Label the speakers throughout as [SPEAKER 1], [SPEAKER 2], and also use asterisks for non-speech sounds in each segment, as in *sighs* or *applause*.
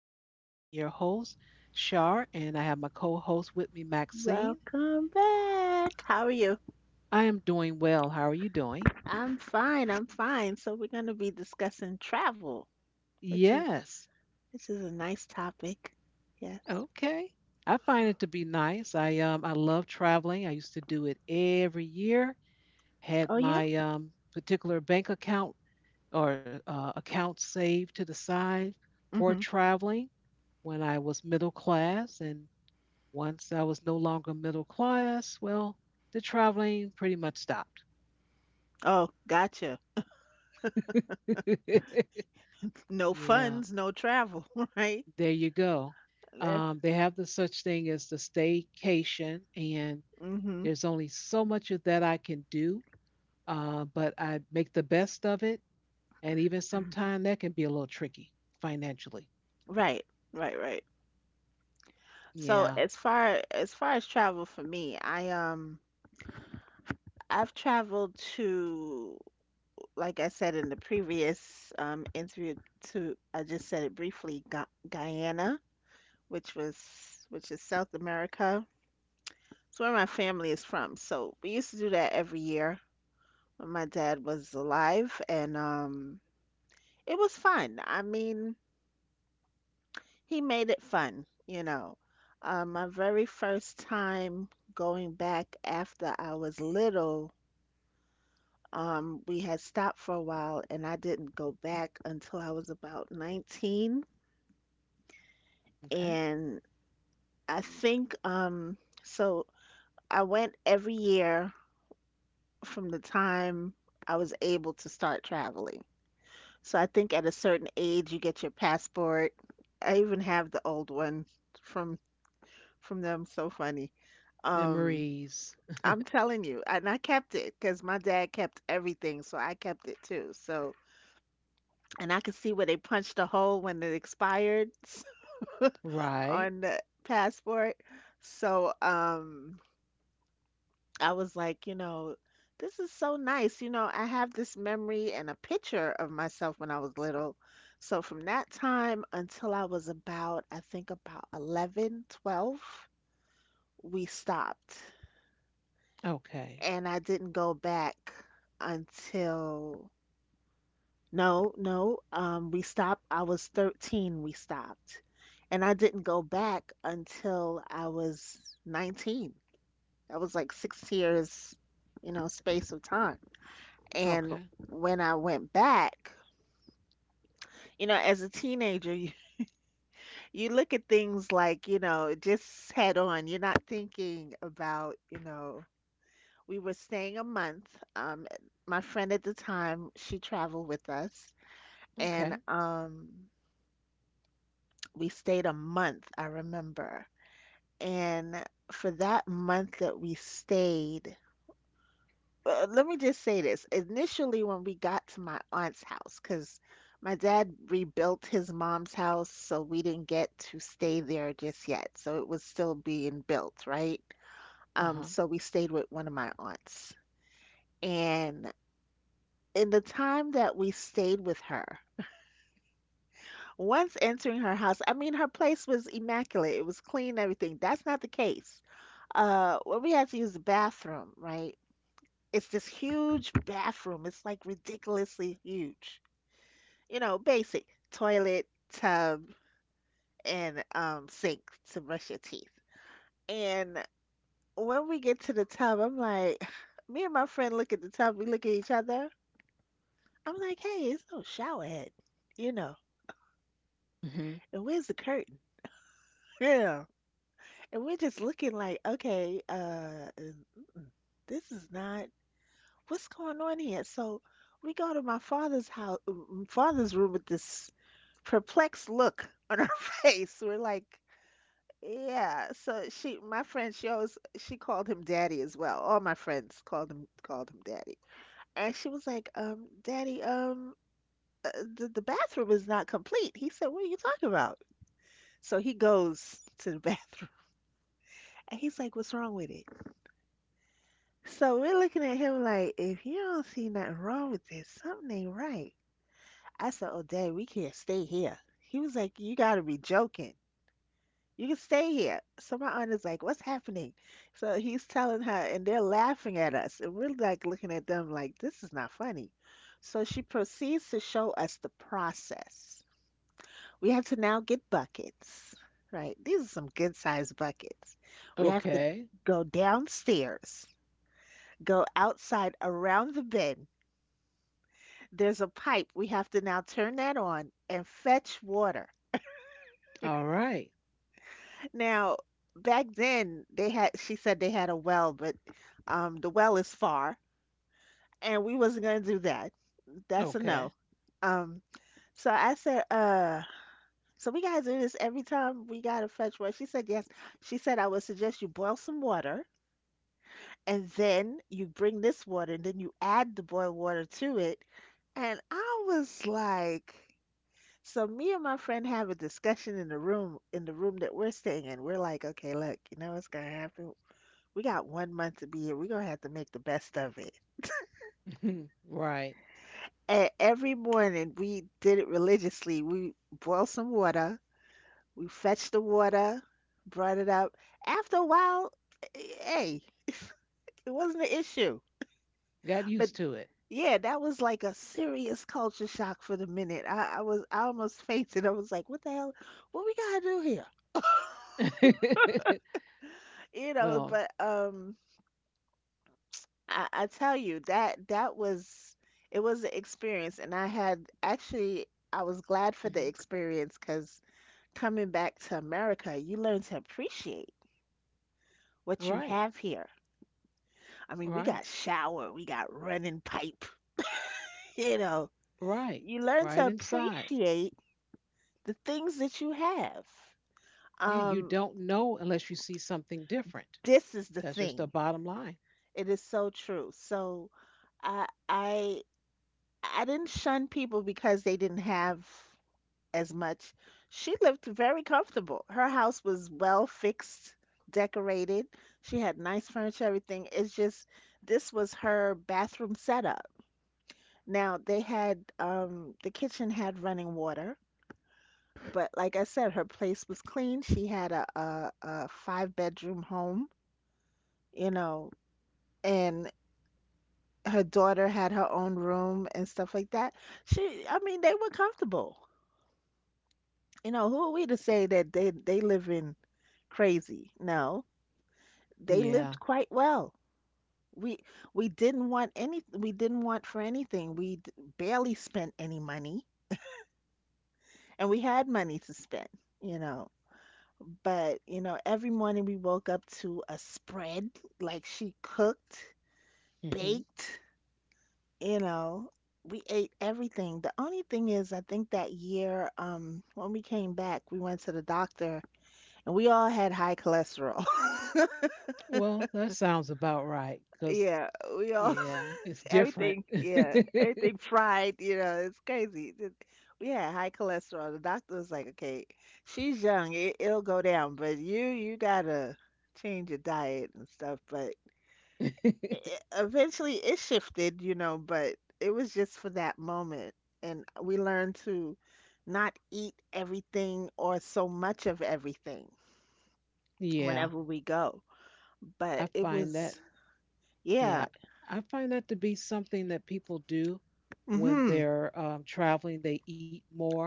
[SPEAKER 1] podcast, and I'm your host, Shar, and I have my co host with me, Maxine.
[SPEAKER 2] Welcome back. How are you?
[SPEAKER 1] I am doing well. How are you doing?
[SPEAKER 2] I'm fine. So we're going to be discussing travel, which is
[SPEAKER 1] Yes.
[SPEAKER 2] which is a nice topic. Yes.
[SPEAKER 1] Okay. I find it to be nice. I love traveling. I used to do it every year. Had
[SPEAKER 2] Oh yeah.
[SPEAKER 1] my particular bank account or account saved to the side for
[SPEAKER 2] Mhm.
[SPEAKER 1] traveling when I was middle class. And once I was no longer middle class, well, the traveling pretty much stopped.
[SPEAKER 2] Oh, gotcha.
[SPEAKER 1] *laughs*
[SPEAKER 2] No
[SPEAKER 1] Yeah,
[SPEAKER 2] funds, no travel, *laughs* right?
[SPEAKER 1] there you go. Um,
[SPEAKER 2] That's
[SPEAKER 1] they have the such thing as the staycation, and
[SPEAKER 2] mhm.
[SPEAKER 1] there's only so much of that I can do, but I make the best of it. And even sometimes that can be a little tricky financially.
[SPEAKER 2] Right. Right. So
[SPEAKER 1] Yeah.
[SPEAKER 2] as far as travel for me, I've traveled to, like I said in the previous interview, to, I just said it briefly, Gu Guyana, which was which is South America. It's where my family is from. So we used to do that every year when my dad was alive, and it was fun. I mean, he made it fun. My very first time going back after I was little, we had stopped for a while, and I didn't go back until I was about 19.
[SPEAKER 1] Okay.
[SPEAKER 2] And I think so. I went every year from the time I was able to start traveling. So I think at a certain age you get your passport. I even have the old one from them. So funny. Um,
[SPEAKER 1] Memories.
[SPEAKER 2] I'm telling you, and I kept it because my dad kept everything, so I kept it too. So, and I could see where they punched a hole when it expired *laughs*
[SPEAKER 1] Right.
[SPEAKER 2] on the passport. So I was like, you know, this is so nice. You know, I have this memory and a picture of myself when I was little. So from that time until I was about, I think about 11, 12, we stopped.
[SPEAKER 1] Okay.
[SPEAKER 2] And I didn't go back until, no, no, we stopped. I was 13, we stopped. And I didn't go back until I was 19. That was like six years, space of time. And
[SPEAKER 1] Okay.
[SPEAKER 2] when I went back, as a teenager, you look at things like, you know, just head on. You're not thinking about, you know, we were staying a month. Um, my friend at the time, she traveled with us, and
[SPEAKER 1] Okay.
[SPEAKER 2] we stayed a month, I remember. And for that month that we stayed, let me just say this. Initially, when we got to my aunt's house, because my dad rebuilt his mom's house, so we didn't get to stay there just yet. So it was still being built, right?
[SPEAKER 1] Uh huh.
[SPEAKER 2] So we stayed with one of my aunts. And in the time that we stayed with her, once entering her house, I mean, her place was immaculate. It was clean, everything. That's not the case. When we had to use the bathroom, right? It's this huge bathroom. It's like ridiculously huge. You know, basic toilet, tub, and sink to brush your teeth. And when we get to the tub, I'm like, *sighs* me and my friend look at the tub, we look at each other. I'm like, hey, it's no shower head, you know,
[SPEAKER 1] Hmm.
[SPEAKER 2] and where's the curtain? *laughs* Yeah. And we're just looking like, okay, this is not, what's going on here? So we go to my father's room with this perplexed look on our *laughs* face. We're like, yeah, so she, my friend, she always she called him daddy as well. All my friends called him daddy, and she was like, uh, the bathroom is not complete. He said, what are you talking about? So he goes to the *laughs* bathroom, and he's like, what's wrong with it? So we're looking at him like, if you don't see nothing wrong with this, something ain't right. I said, oh, daddy, we can't stay here. He was like, you gotta be joking. You can stay here. So my aunt is like, what's happening? So he's telling her, and they're laughing at us. And we're like looking at them like, this is not funny. So she proceeds to show us the process. We have to now get buckets, right? These are some good sized buckets. We have to
[SPEAKER 1] Okay.
[SPEAKER 2] go downstairs, go outside around the bend. There's a pipe. We have to now turn that on and fetch water.
[SPEAKER 1] All right.
[SPEAKER 2] Now, back then they had, she said they had a well, but the well is far and we wasn't gonna do that. That's a no.
[SPEAKER 1] Okay.
[SPEAKER 2] Um so I said, so we gotta do this every time, we gotta fetch water. She said yes. She said, I would suggest you boil some water and then you bring this water and then you add the boiled water to it. And I was like, so me and my friend have a discussion in the room, that we're staying in. We're like, okay, look, you know what's gonna happen? We got one month to be here. We're gonna have to make the best of it.
[SPEAKER 1] *laughs* Right.
[SPEAKER 2] And every morning we did it religiously. We boiled some water, we fetched the water, brought it up. After a while, eh, hey, it wasn't an issue.
[SPEAKER 1] Got
[SPEAKER 2] But
[SPEAKER 1] used to
[SPEAKER 2] yeah, that was like a serious culture shock. For the minute, I was, I almost fainted. I was like, what the hell? What we gotta do here? *laughs*
[SPEAKER 1] it. *laughs*
[SPEAKER 2] You know,
[SPEAKER 1] Well,
[SPEAKER 2] but I tell you that that was, it was an experience, and I had actually, I was glad for
[SPEAKER 1] mhm.
[SPEAKER 2] the experience because coming back to America, you learn to appreciate what you
[SPEAKER 1] Right,
[SPEAKER 2] have here. I mean, we
[SPEAKER 1] right,
[SPEAKER 2] got shower, we got running pipe, *laughs* you know.
[SPEAKER 1] right.
[SPEAKER 2] You learn
[SPEAKER 1] Right
[SPEAKER 2] to
[SPEAKER 1] inside.
[SPEAKER 2] appreciate the things that you have.
[SPEAKER 1] Yeah, you
[SPEAKER 2] Um,
[SPEAKER 1] don't know unless you see something different.
[SPEAKER 2] this is the
[SPEAKER 1] That's just the
[SPEAKER 2] thing.
[SPEAKER 1] bottom line.
[SPEAKER 2] It is so true. So I I I didn't shun people because they didn't have as much. She lived very comfortable. Her house was well fixed, decorated. She had nice furniture, everything. It's just this was her bathroom setup. Now they had, the kitchen had running water, but like I said, her place was clean. She had a five-bedroom home, you know, and her daughter had her own room and stuff like that. She, I mean, they were comfortable. You know, who are we to say that they live in crazy? No, they
[SPEAKER 1] Yeah.
[SPEAKER 2] lived quite well. We we didn't want any, we didn't want for anything. We barely spent any money and we had money to spend, you know. But, you know, every morning we woke up to a spread, like she cooked,
[SPEAKER 1] Hmm.
[SPEAKER 2] baked, you know. We ate everything. The only thing is, I think that year, when we came back, we went to the doctor and we all had high cholesterol. *laughs*
[SPEAKER 1] Well, that sounds about right because,
[SPEAKER 2] Yeah, we all
[SPEAKER 1] yeah, it's
[SPEAKER 2] *laughs*
[SPEAKER 1] different.
[SPEAKER 2] everything. Yeah,
[SPEAKER 1] *laughs*
[SPEAKER 2] everything fried. You know, it's crazy. Th- We had high cholesterol. The doctor was like, "Okay, she's young. It'll go down, but you gotta change your diet and stuff." But it, eventually, it shifted. You know, but it was just for that moment, and we learned to not eat everything or so much of everything
[SPEAKER 1] Yeah,
[SPEAKER 2] whenever we go.
[SPEAKER 1] I
[SPEAKER 2] But it
[SPEAKER 1] find that.
[SPEAKER 2] was, yeah.
[SPEAKER 1] Yeah, I find that to be something that people do when
[SPEAKER 2] Mm-hmm.
[SPEAKER 1] they're traveling. They eat more.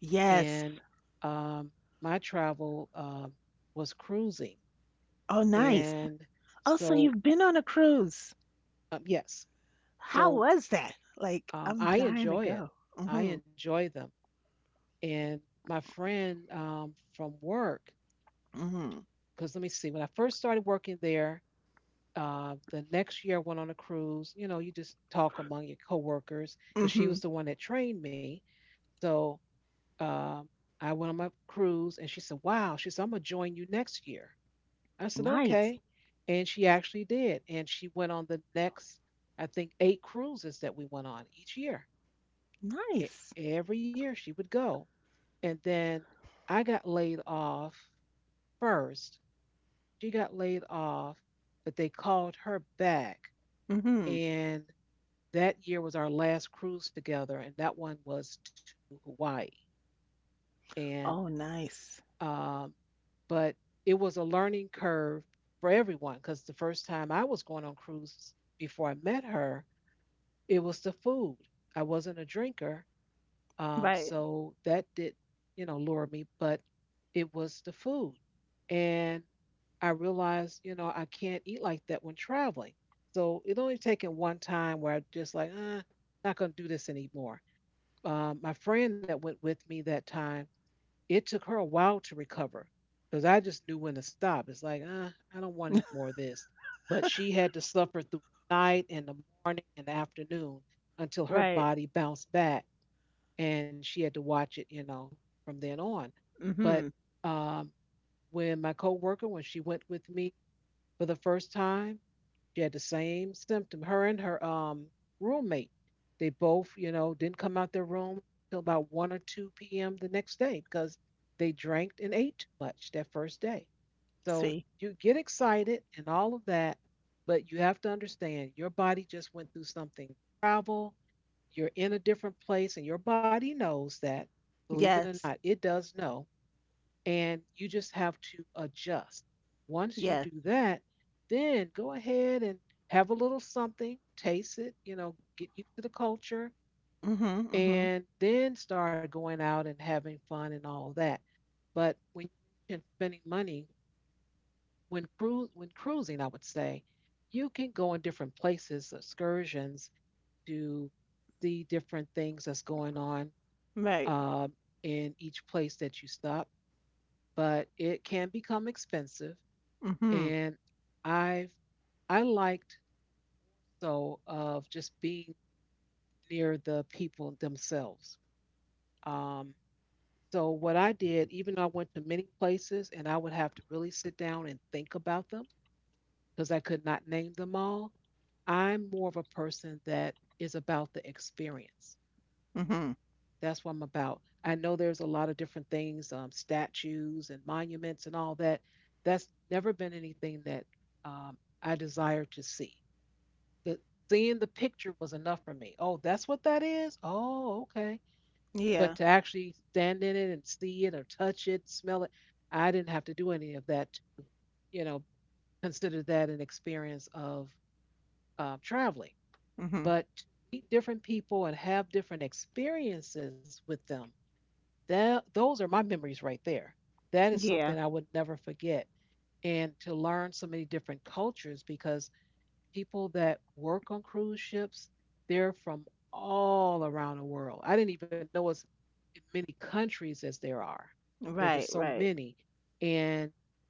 [SPEAKER 2] Yes.
[SPEAKER 1] And um, my travel was cruising.
[SPEAKER 2] Oh, nice.
[SPEAKER 1] And
[SPEAKER 2] Oh, so
[SPEAKER 1] so,
[SPEAKER 2] you've been on a cruise.
[SPEAKER 1] yes.
[SPEAKER 2] How
[SPEAKER 1] So
[SPEAKER 2] was that? Like, I'm
[SPEAKER 1] I
[SPEAKER 2] dying to
[SPEAKER 1] enjoy it.
[SPEAKER 2] go.
[SPEAKER 1] I
[SPEAKER 2] Mm-hmm.
[SPEAKER 1] enjoy them. And my friend from work,
[SPEAKER 2] Mm-hmm.
[SPEAKER 1] because let me see, when I first started working there, the next year I went on a cruise. You know, you just talk among your coworkers because she
[SPEAKER 2] Mm-hmm.
[SPEAKER 1] was the one that trained me. So um, I went on my cruise and she said, wow, she said, I'm going to join you next year. I said,
[SPEAKER 2] Nice.
[SPEAKER 1] okay. And she actually did. And she went on the next, I think, eight cruises that we went on each year. E-
[SPEAKER 2] Nice.
[SPEAKER 1] every year she would go. And then I got laid off first. She got laid off, but they called her back.
[SPEAKER 2] Mm-hmm.
[SPEAKER 1] And that year was our last cruise together. And that one was to Hawaii. And
[SPEAKER 2] Oh, nice.
[SPEAKER 1] Um, but it was a learning curve for everyone because the first time I was going on cruises before I met her, it was the food. I wasn't a drinker,
[SPEAKER 2] Right.
[SPEAKER 1] so that did, you know, lure me, but it was the food. And I realized, you know, I can't eat like that when traveling. So it only taken one time where I just like, not gonna do this anymore. My friend that went with me that time, it took her a while to recover because I just knew when to stop. It's like, I don't want any more of this. But she had to suffer through the night and the morning and the afternoon until her
[SPEAKER 2] Right.
[SPEAKER 1] body bounced back, and she had to watch it, you know, from then on. But
[SPEAKER 2] Mm-hmm.
[SPEAKER 1] um, when my coworker, when she went with me for the first time, she had the same symptom. Her and her roommate, they both, you know, didn't come out their room till about 1 or 2 p.m. the next day because they drank and ate too much that first day. So
[SPEAKER 2] See?
[SPEAKER 1] you get excited and all of that, but you have to understand your body just went through something. Travel, you're in a different place, and your body knows that. Believe it or not,
[SPEAKER 2] Yes.
[SPEAKER 1] it does know, and you just have to adjust. Once you
[SPEAKER 2] Yes.
[SPEAKER 1] do that, then go ahead and have a little something, taste it, you know, get used to the culture,
[SPEAKER 2] Mm-hmm. Mm-hmm.
[SPEAKER 1] and then start going out and having fun and all that. But when you mention spending money, when cruising, I would say you can go in different places, excursions to see different things that's going on
[SPEAKER 2] Right.
[SPEAKER 1] um, in each place that you stop, but it can become expensive.
[SPEAKER 2] Mm-hmm.
[SPEAKER 1] And I've I liked though of just being near the people themselves. Um, so what I did, even though I went to many places and I would have to really sit down and think about them because I could not name them all, I'm more of a person that is about the experience.
[SPEAKER 2] Mm-hmm.
[SPEAKER 1] That's what I'm about. I know there's a lot of different things, statues and monuments and all that. That's never been anything that I desire to see. The seeing the picture was enough for me. Oh, that's what that is? Oh, okay. But to
[SPEAKER 2] Yeah.
[SPEAKER 1] actually stand in it and see it or touch it, smell it, I didn't have to do any of that to, you know, consider that an experience of traveling.
[SPEAKER 2] Mm-hmm.
[SPEAKER 1] But to meet different people and have different experiences with them, that those are my memories right there. That is
[SPEAKER 2] Yeah.
[SPEAKER 1] something I would never forget. And to learn so many different cultures because people that work on cruise ships, they're from all around the world. I didn't even know as many countries as there are. There are just
[SPEAKER 2] Right.
[SPEAKER 1] so
[SPEAKER 2] Right.
[SPEAKER 1] many. And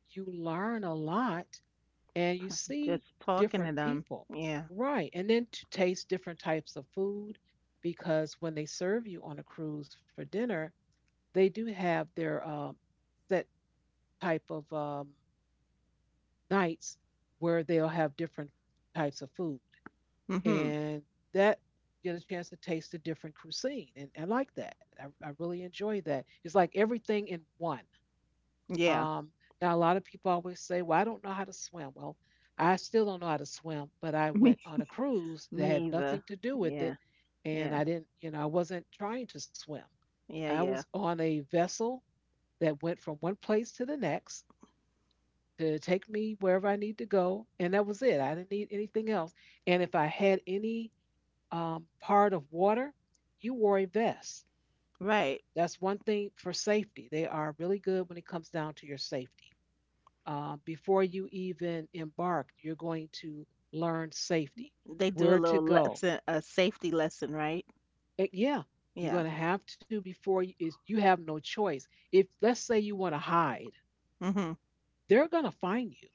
[SPEAKER 1] you learn a lot and you see
[SPEAKER 2] Just talking
[SPEAKER 1] different
[SPEAKER 2] to them.
[SPEAKER 1] people.
[SPEAKER 2] Yeah.
[SPEAKER 1] Right. And then to taste different types of food, because when they serve you on a cruise for dinner, they do have their set type of nights where they'll have different types of food.
[SPEAKER 2] Mm-hmm.
[SPEAKER 1] And that you get a chance to taste a different cuisine, and I like that. I really enjoy that. It's like everything in one.
[SPEAKER 2] Yeah.
[SPEAKER 1] Um, now a lot of people always say, well, I don't know how to swim. Well, I still don't know how to swim, but I
[SPEAKER 2] *laughs*
[SPEAKER 1] went
[SPEAKER 2] Me.
[SPEAKER 1] on a cruise that had
[SPEAKER 2] Me either.
[SPEAKER 1] nothing to do with
[SPEAKER 2] Yeah.
[SPEAKER 1] it. And
[SPEAKER 2] Yeah.
[SPEAKER 1] I didn't, you know, I wasn't trying to swim. I
[SPEAKER 2] Yeah.
[SPEAKER 1] was
[SPEAKER 2] Yeah.
[SPEAKER 1] on a vessel that went from one place to the next to take me wherever I need to go, and that was it. I didn't need anything else. And if I had any part of water, you wore a vest.
[SPEAKER 2] Right.
[SPEAKER 1] That's one thing for safety. They are really good when it comes down to your safety. Before you even embark, you're going to learn safety,
[SPEAKER 2] They do a
[SPEAKER 1] where to
[SPEAKER 2] little
[SPEAKER 1] go.
[SPEAKER 2] lesson, a safety lesson, right?
[SPEAKER 1] Yeah, you're
[SPEAKER 2] Yeah.
[SPEAKER 1] going to have to, before you, you have no choice. If, let's say, you want to hide,
[SPEAKER 2] Mhm.
[SPEAKER 1] they're going to find you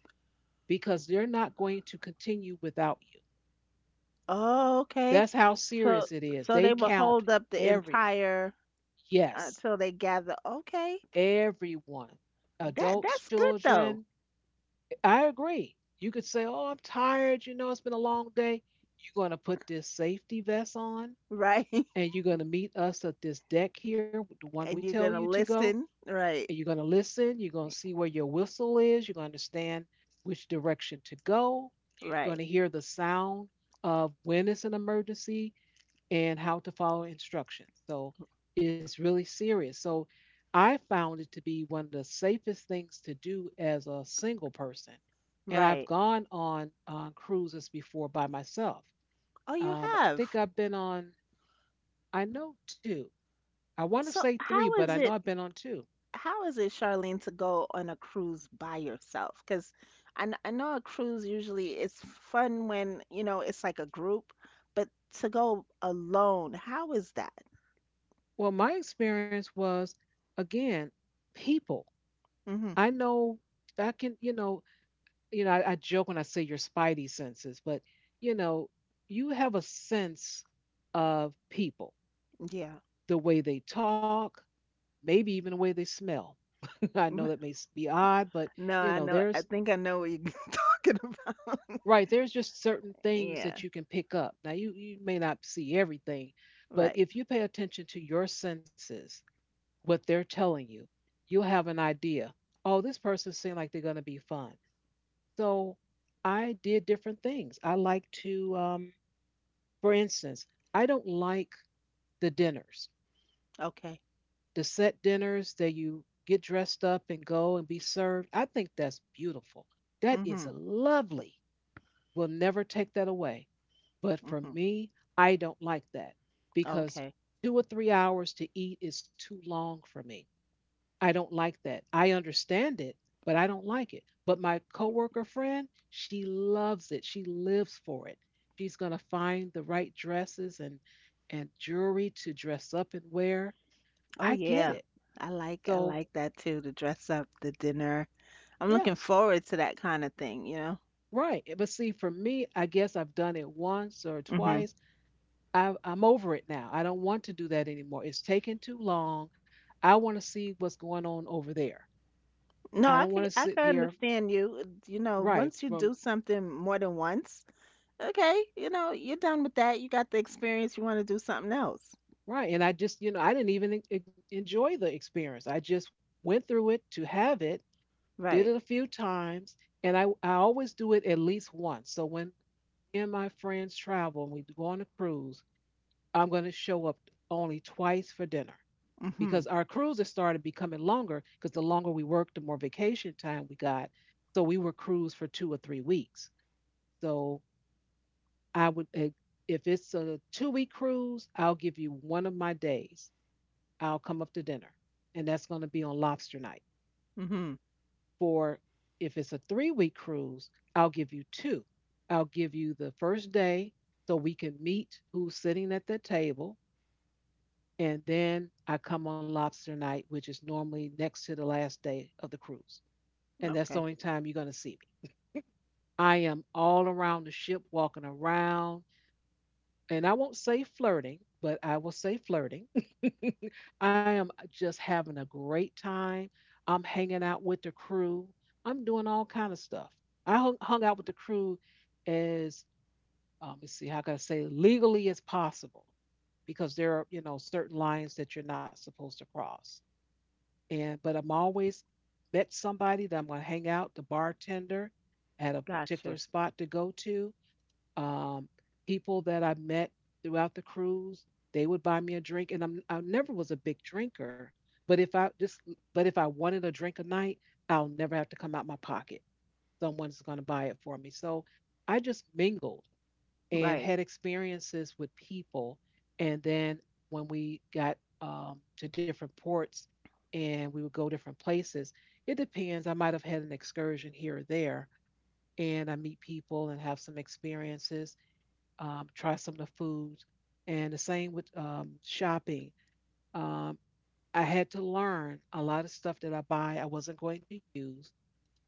[SPEAKER 1] because they're not going to continue without you.
[SPEAKER 2] Oh, okay.
[SPEAKER 1] That's how
[SPEAKER 2] So
[SPEAKER 1] serious it is.
[SPEAKER 2] so
[SPEAKER 1] They
[SPEAKER 2] they will
[SPEAKER 1] count
[SPEAKER 2] hold up the
[SPEAKER 1] every.
[SPEAKER 2] entire
[SPEAKER 1] Yes.
[SPEAKER 2] until they gather. Okay.
[SPEAKER 1] Everyone,
[SPEAKER 2] That
[SPEAKER 1] adults,
[SPEAKER 2] that's good though,
[SPEAKER 1] children. I agree. You could say, oh, I'm tired. You know, it's been a long day. You're going to put this safety vest on,
[SPEAKER 2] right? *laughs*
[SPEAKER 1] and you're going to meet us at this deck here, the one we
[SPEAKER 2] And you're
[SPEAKER 1] tell you
[SPEAKER 2] gonna
[SPEAKER 1] to go.
[SPEAKER 2] listen. Right.
[SPEAKER 1] And you're going to listen. You're going to see where your whistle is. You're going to understand which direction to go. You're
[SPEAKER 2] Right.
[SPEAKER 1] going to hear the sound of when it's an emergency and how to follow instructions. So it's really serious. So I found it to be one of the safest things to do as a single person. And I've
[SPEAKER 2] Right.
[SPEAKER 1] gone on cruises before by myself.
[SPEAKER 2] Oh, you
[SPEAKER 1] I think
[SPEAKER 2] have.
[SPEAKER 1] I've been on, I know, two. I want to
[SPEAKER 2] So
[SPEAKER 1] say three,
[SPEAKER 2] how
[SPEAKER 1] but
[SPEAKER 2] is
[SPEAKER 1] I know
[SPEAKER 2] it,
[SPEAKER 1] I've been on two.
[SPEAKER 2] how is it, Charlene, to go on a cruise by yourself? Because I, I know a cruise usually is fun when, you know, it's like a group, but to go alone, how is that?
[SPEAKER 1] Well, my experience was, again, people.
[SPEAKER 2] Hmm.
[SPEAKER 1] I know I can, I joke when I say your spidey senses, but you know, you have a sense of people,
[SPEAKER 2] Yeah.
[SPEAKER 1] the way they talk, maybe even the way they smell. *laughs* I know that may
[SPEAKER 2] *laughs*
[SPEAKER 1] be odd, but
[SPEAKER 2] No,
[SPEAKER 1] you
[SPEAKER 2] I
[SPEAKER 1] know,
[SPEAKER 2] know. I
[SPEAKER 1] there's
[SPEAKER 2] think I know what you're *laughs* talking about.
[SPEAKER 1] right, there's just certain things
[SPEAKER 2] Yeah.
[SPEAKER 1] that you can pick up. Now you may not see everything, but
[SPEAKER 2] Right.
[SPEAKER 1] if you pay attention to your senses, what they're telling you, you'll have an idea. Oh, this person seems like they're going to be fun. So I did different things. I like to, for instance, I don't like the dinners,
[SPEAKER 2] Okay.
[SPEAKER 1] the set dinners that you get dressed up and go and be served. I think that's beautiful. That is
[SPEAKER 2] Mm-hmm.
[SPEAKER 1] lovely. We'll never take that away. But for
[SPEAKER 2] Mm-hmm.
[SPEAKER 1] me, I don't like that because
[SPEAKER 2] Okay.
[SPEAKER 1] 2 or 3 hours to eat is too long for me. I don't like that. I understand it, but I don't like it. But my coworker friend, she loves it. She lives for it. She's going to find the right dresses and jewelry to dress up and wear. I
[SPEAKER 2] Oh
[SPEAKER 1] get it.
[SPEAKER 2] yeah. I
[SPEAKER 1] So,
[SPEAKER 2] like that too, to dress up, the dinner. I'm looking
[SPEAKER 1] yes,
[SPEAKER 2] forward to that kind of thing, you
[SPEAKER 1] right. But see, for me, I guess I've done it once or
[SPEAKER 2] know?
[SPEAKER 1] twice. I'm over it now. I don't want to do that anymore. It's taking too long. I want to see what's going on over there.
[SPEAKER 2] No,
[SPEAKER 1] I don't want to
[SPEAKER 2] I
[SPEAKER 1] sit
[SPEAKER 2] can
[SPEAKER 1] here,
[SPEAKER 2] understand you. You know,
[SPEAKER 1] right,
[SPEAKER 2] once you
[SPEAKER 1] from
[SPEAKER 2] do something more than once, okay, you know, you're done with that. You got the experience. You want to do something else,
[SPEAKER 1] right. And I just, you know, I didn't even enjoy the experience. I just went through it to have it, did
[SPEAKER 2] right?
[SPEAKER 1] it a few times, and I always do it at least once. So when me and my friends travel and we go on a cruise, I'm going to show up only twice for dinner because
[SPEAKER 2] Mhm.
[SPEAKER 1] our cruises started becoming longer because the longer we worked, the more vacation time we got. So we were cruised for 2 or 3 weeks. So I would, if it's a 2 week cruise, I'll give you one of my days. I'll come up to dinner. And that's going to be on lobster night.
[SPEAKER 2] Mhm.
[SPEAKER 1] For if it's a 3 week cruise, I'll give you two. I'll give you the first day so we can meet who's sitting at the table. And then I come on lobster night, which is normally next to the last day of the cruise. And that's the
[SPEAKER 2] Okay,
[SPEAKER 1] only time you're going to see me. I am all around the ship, walking around. And I won't say flirting, but I will say flirting, I am just having a great time. I'm hanging out with the crew. I'm doing all kind of stuff. I hung out with the crew as, let's see, how can I say, legally as possible, because there are, certain lines that you're not supposed to cross. And but I'm always met somebody that I'm going to hang out, the bartender at a particular
[SPEAKER 2] gotcha.
[SPEAKER 1] spot to go to. Um, People that I met throughout the cruise, they would buy me a drink, and I never was a big drinker. But if I just, but if I wanted a drink a night, I'll never have to come out my pocket. Someone's going to buy it for me. So I just mingled and
[SPEAKER 2] Right.
[SPEAKER 1] had experiences with people. And then when we got to different ports and we would go different places, it depends. I might have had an excursion here or there, and I meet people and have some experiences, try some of the foods. And the same with shopping. Um, I had to learn a lot of stuff that I buy, I wasn't going to use.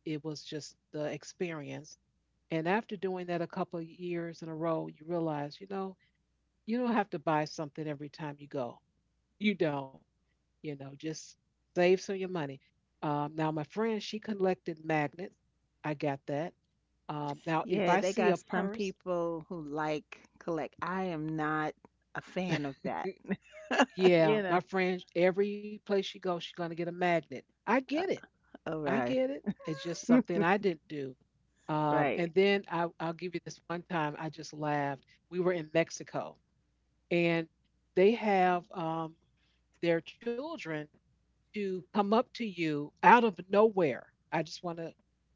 [SPEAKER 1] It was just the experience. And after doing that a couple of years in a row, you realize, you don't have to buy something every time you go. You don't, you know, just save some of your money. Now, my friend, she collected magnets. I got that. Now, if
[SPEAKER 2] Yeah,
[SPEAKER 1] I
[SPEAKER 2] they
[SPEAKER 1] see
[SPEAKER 2] got
[SPEAKER 1] a
[SPEAKER 2] some
[SPEAKER 1] purse.
[SPEAKER 2] people who like collect. I am not a fan of that. *laughs*
[SPEAKER 1] Yeah,
[SPEAKER 2] You know.
[SPEAKER 1] my friend, every place she goes, she's gonna get a magnet. I get
[SPEAKER 2] Uh,
[SPEAKER 1] it.
[SPEAKER 2] all
[SPEAKER 1] I
[SPEAKER 2] right.
[SPEAKER 1] get it. It's just something
[SPEAKER 2] *laughs*
[SPEAKER 1] I didn't do.
[SPEAKER 2] Right.
[SPEAKER 1] And then I'll give you this one time. I just laughed. We were in Mexico, and they have, their children to come up to you out of nowhere. I just want to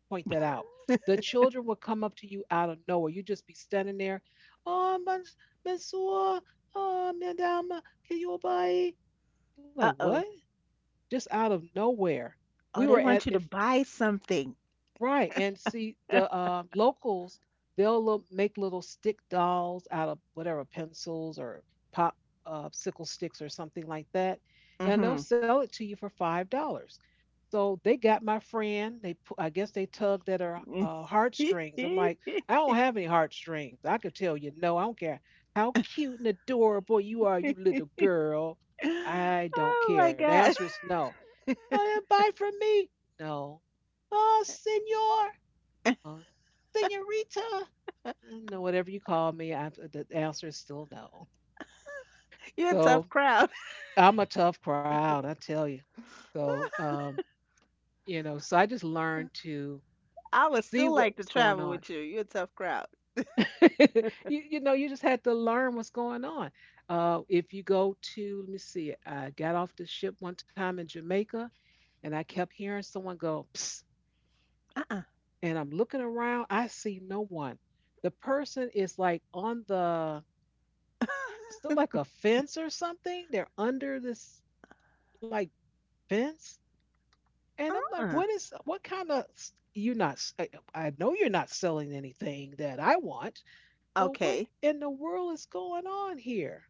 [SPEAKER 1] point that out. The children will come up to you out of nowhere. You just be standing there. Oh, monsieur, oh, madame, can you buy? You're like,
[SPEAKER 2] Uh
[SPEAKER 1] what?
[SPEAKER 2] oh.
[SPEAKER 1] Just out of nowhere. We
[SPEAKER 2] Oh,
[SPEAKER 1] were
[SPEAKER 2] they
[SPEAKER 1] at
[SPEAKER 2] want you
[SPEAKER 1] it,
[SPEAKER 2] to buy something.
[SPEAKER 1] right, and see the
[SPEAKER 2] *laughs*
[SPEAKER 1] locals. They'll make little stick dolls out of whatever pencils or pop sickle sticks or something like that, and they'll
[SPEAKER 2] Mhm.
[SPEAKER 1] sell it to you for $5. So they got my friend. I guess they tugged at her heartstrings. I'm like, I don't
[SPEAKER 2] *laughs*
[SPEAKER 1] have any heartstrings. I could tell you no. I don't care how cute and adorable you are, you little girl. I don't
[SPEAKER 2] Oh
[SPEAKER 1] care.
[SPEAKER 2] my
[SPEAKER 1] The answer
[SPEAKER 2] God.
[SPEAKER 1] is no. "Ah, buy from me." No. "Ah, senor." No. "Senorita." No, whatever you call me, the answer is still no.
[SPEAKER 2] You're a tough
[SPEAKER 1] So
[SPEAKER 2] crowd.
[SPEAKER 1] I'm a tough crowd, I tell you. So, you know, so I just learned to
[SPEAKER 2] *laughs* I would
[SPEAKER 1] see
[SPEAKER 2] still
[SPEAKER 1] what
[SPEAKER 2] like to
[SPEAKER 1] was going
[SPEAKER 2] travel
[SPEAKER 1] on.
[SPEAKER 2] with you. You're a tough crowd.
[SPEAKER 1] *laughs* You know, you just had to learn what's going on. If you go to, let me see, I got off the ship one time in Jamaica, and I kept hearing someone go, psst,
[SPEAKER 2] Uh-uh.
[SPEAKER 1] and I'm looking around, I see no one. The person is like on the,
[SPEAKER 2] *laughs*
[SPEAKER 1] it's not like a fence or something. They're under this, like, fence. And I'm like,
[SPEAKER 2] Uh-uh.
[SPEAKER 1] what is, what kind of, you not I know you're not selling anything that I want. So what
[SPEAKER 2] Okay.
[SPEAKER 1] in the world is going on here?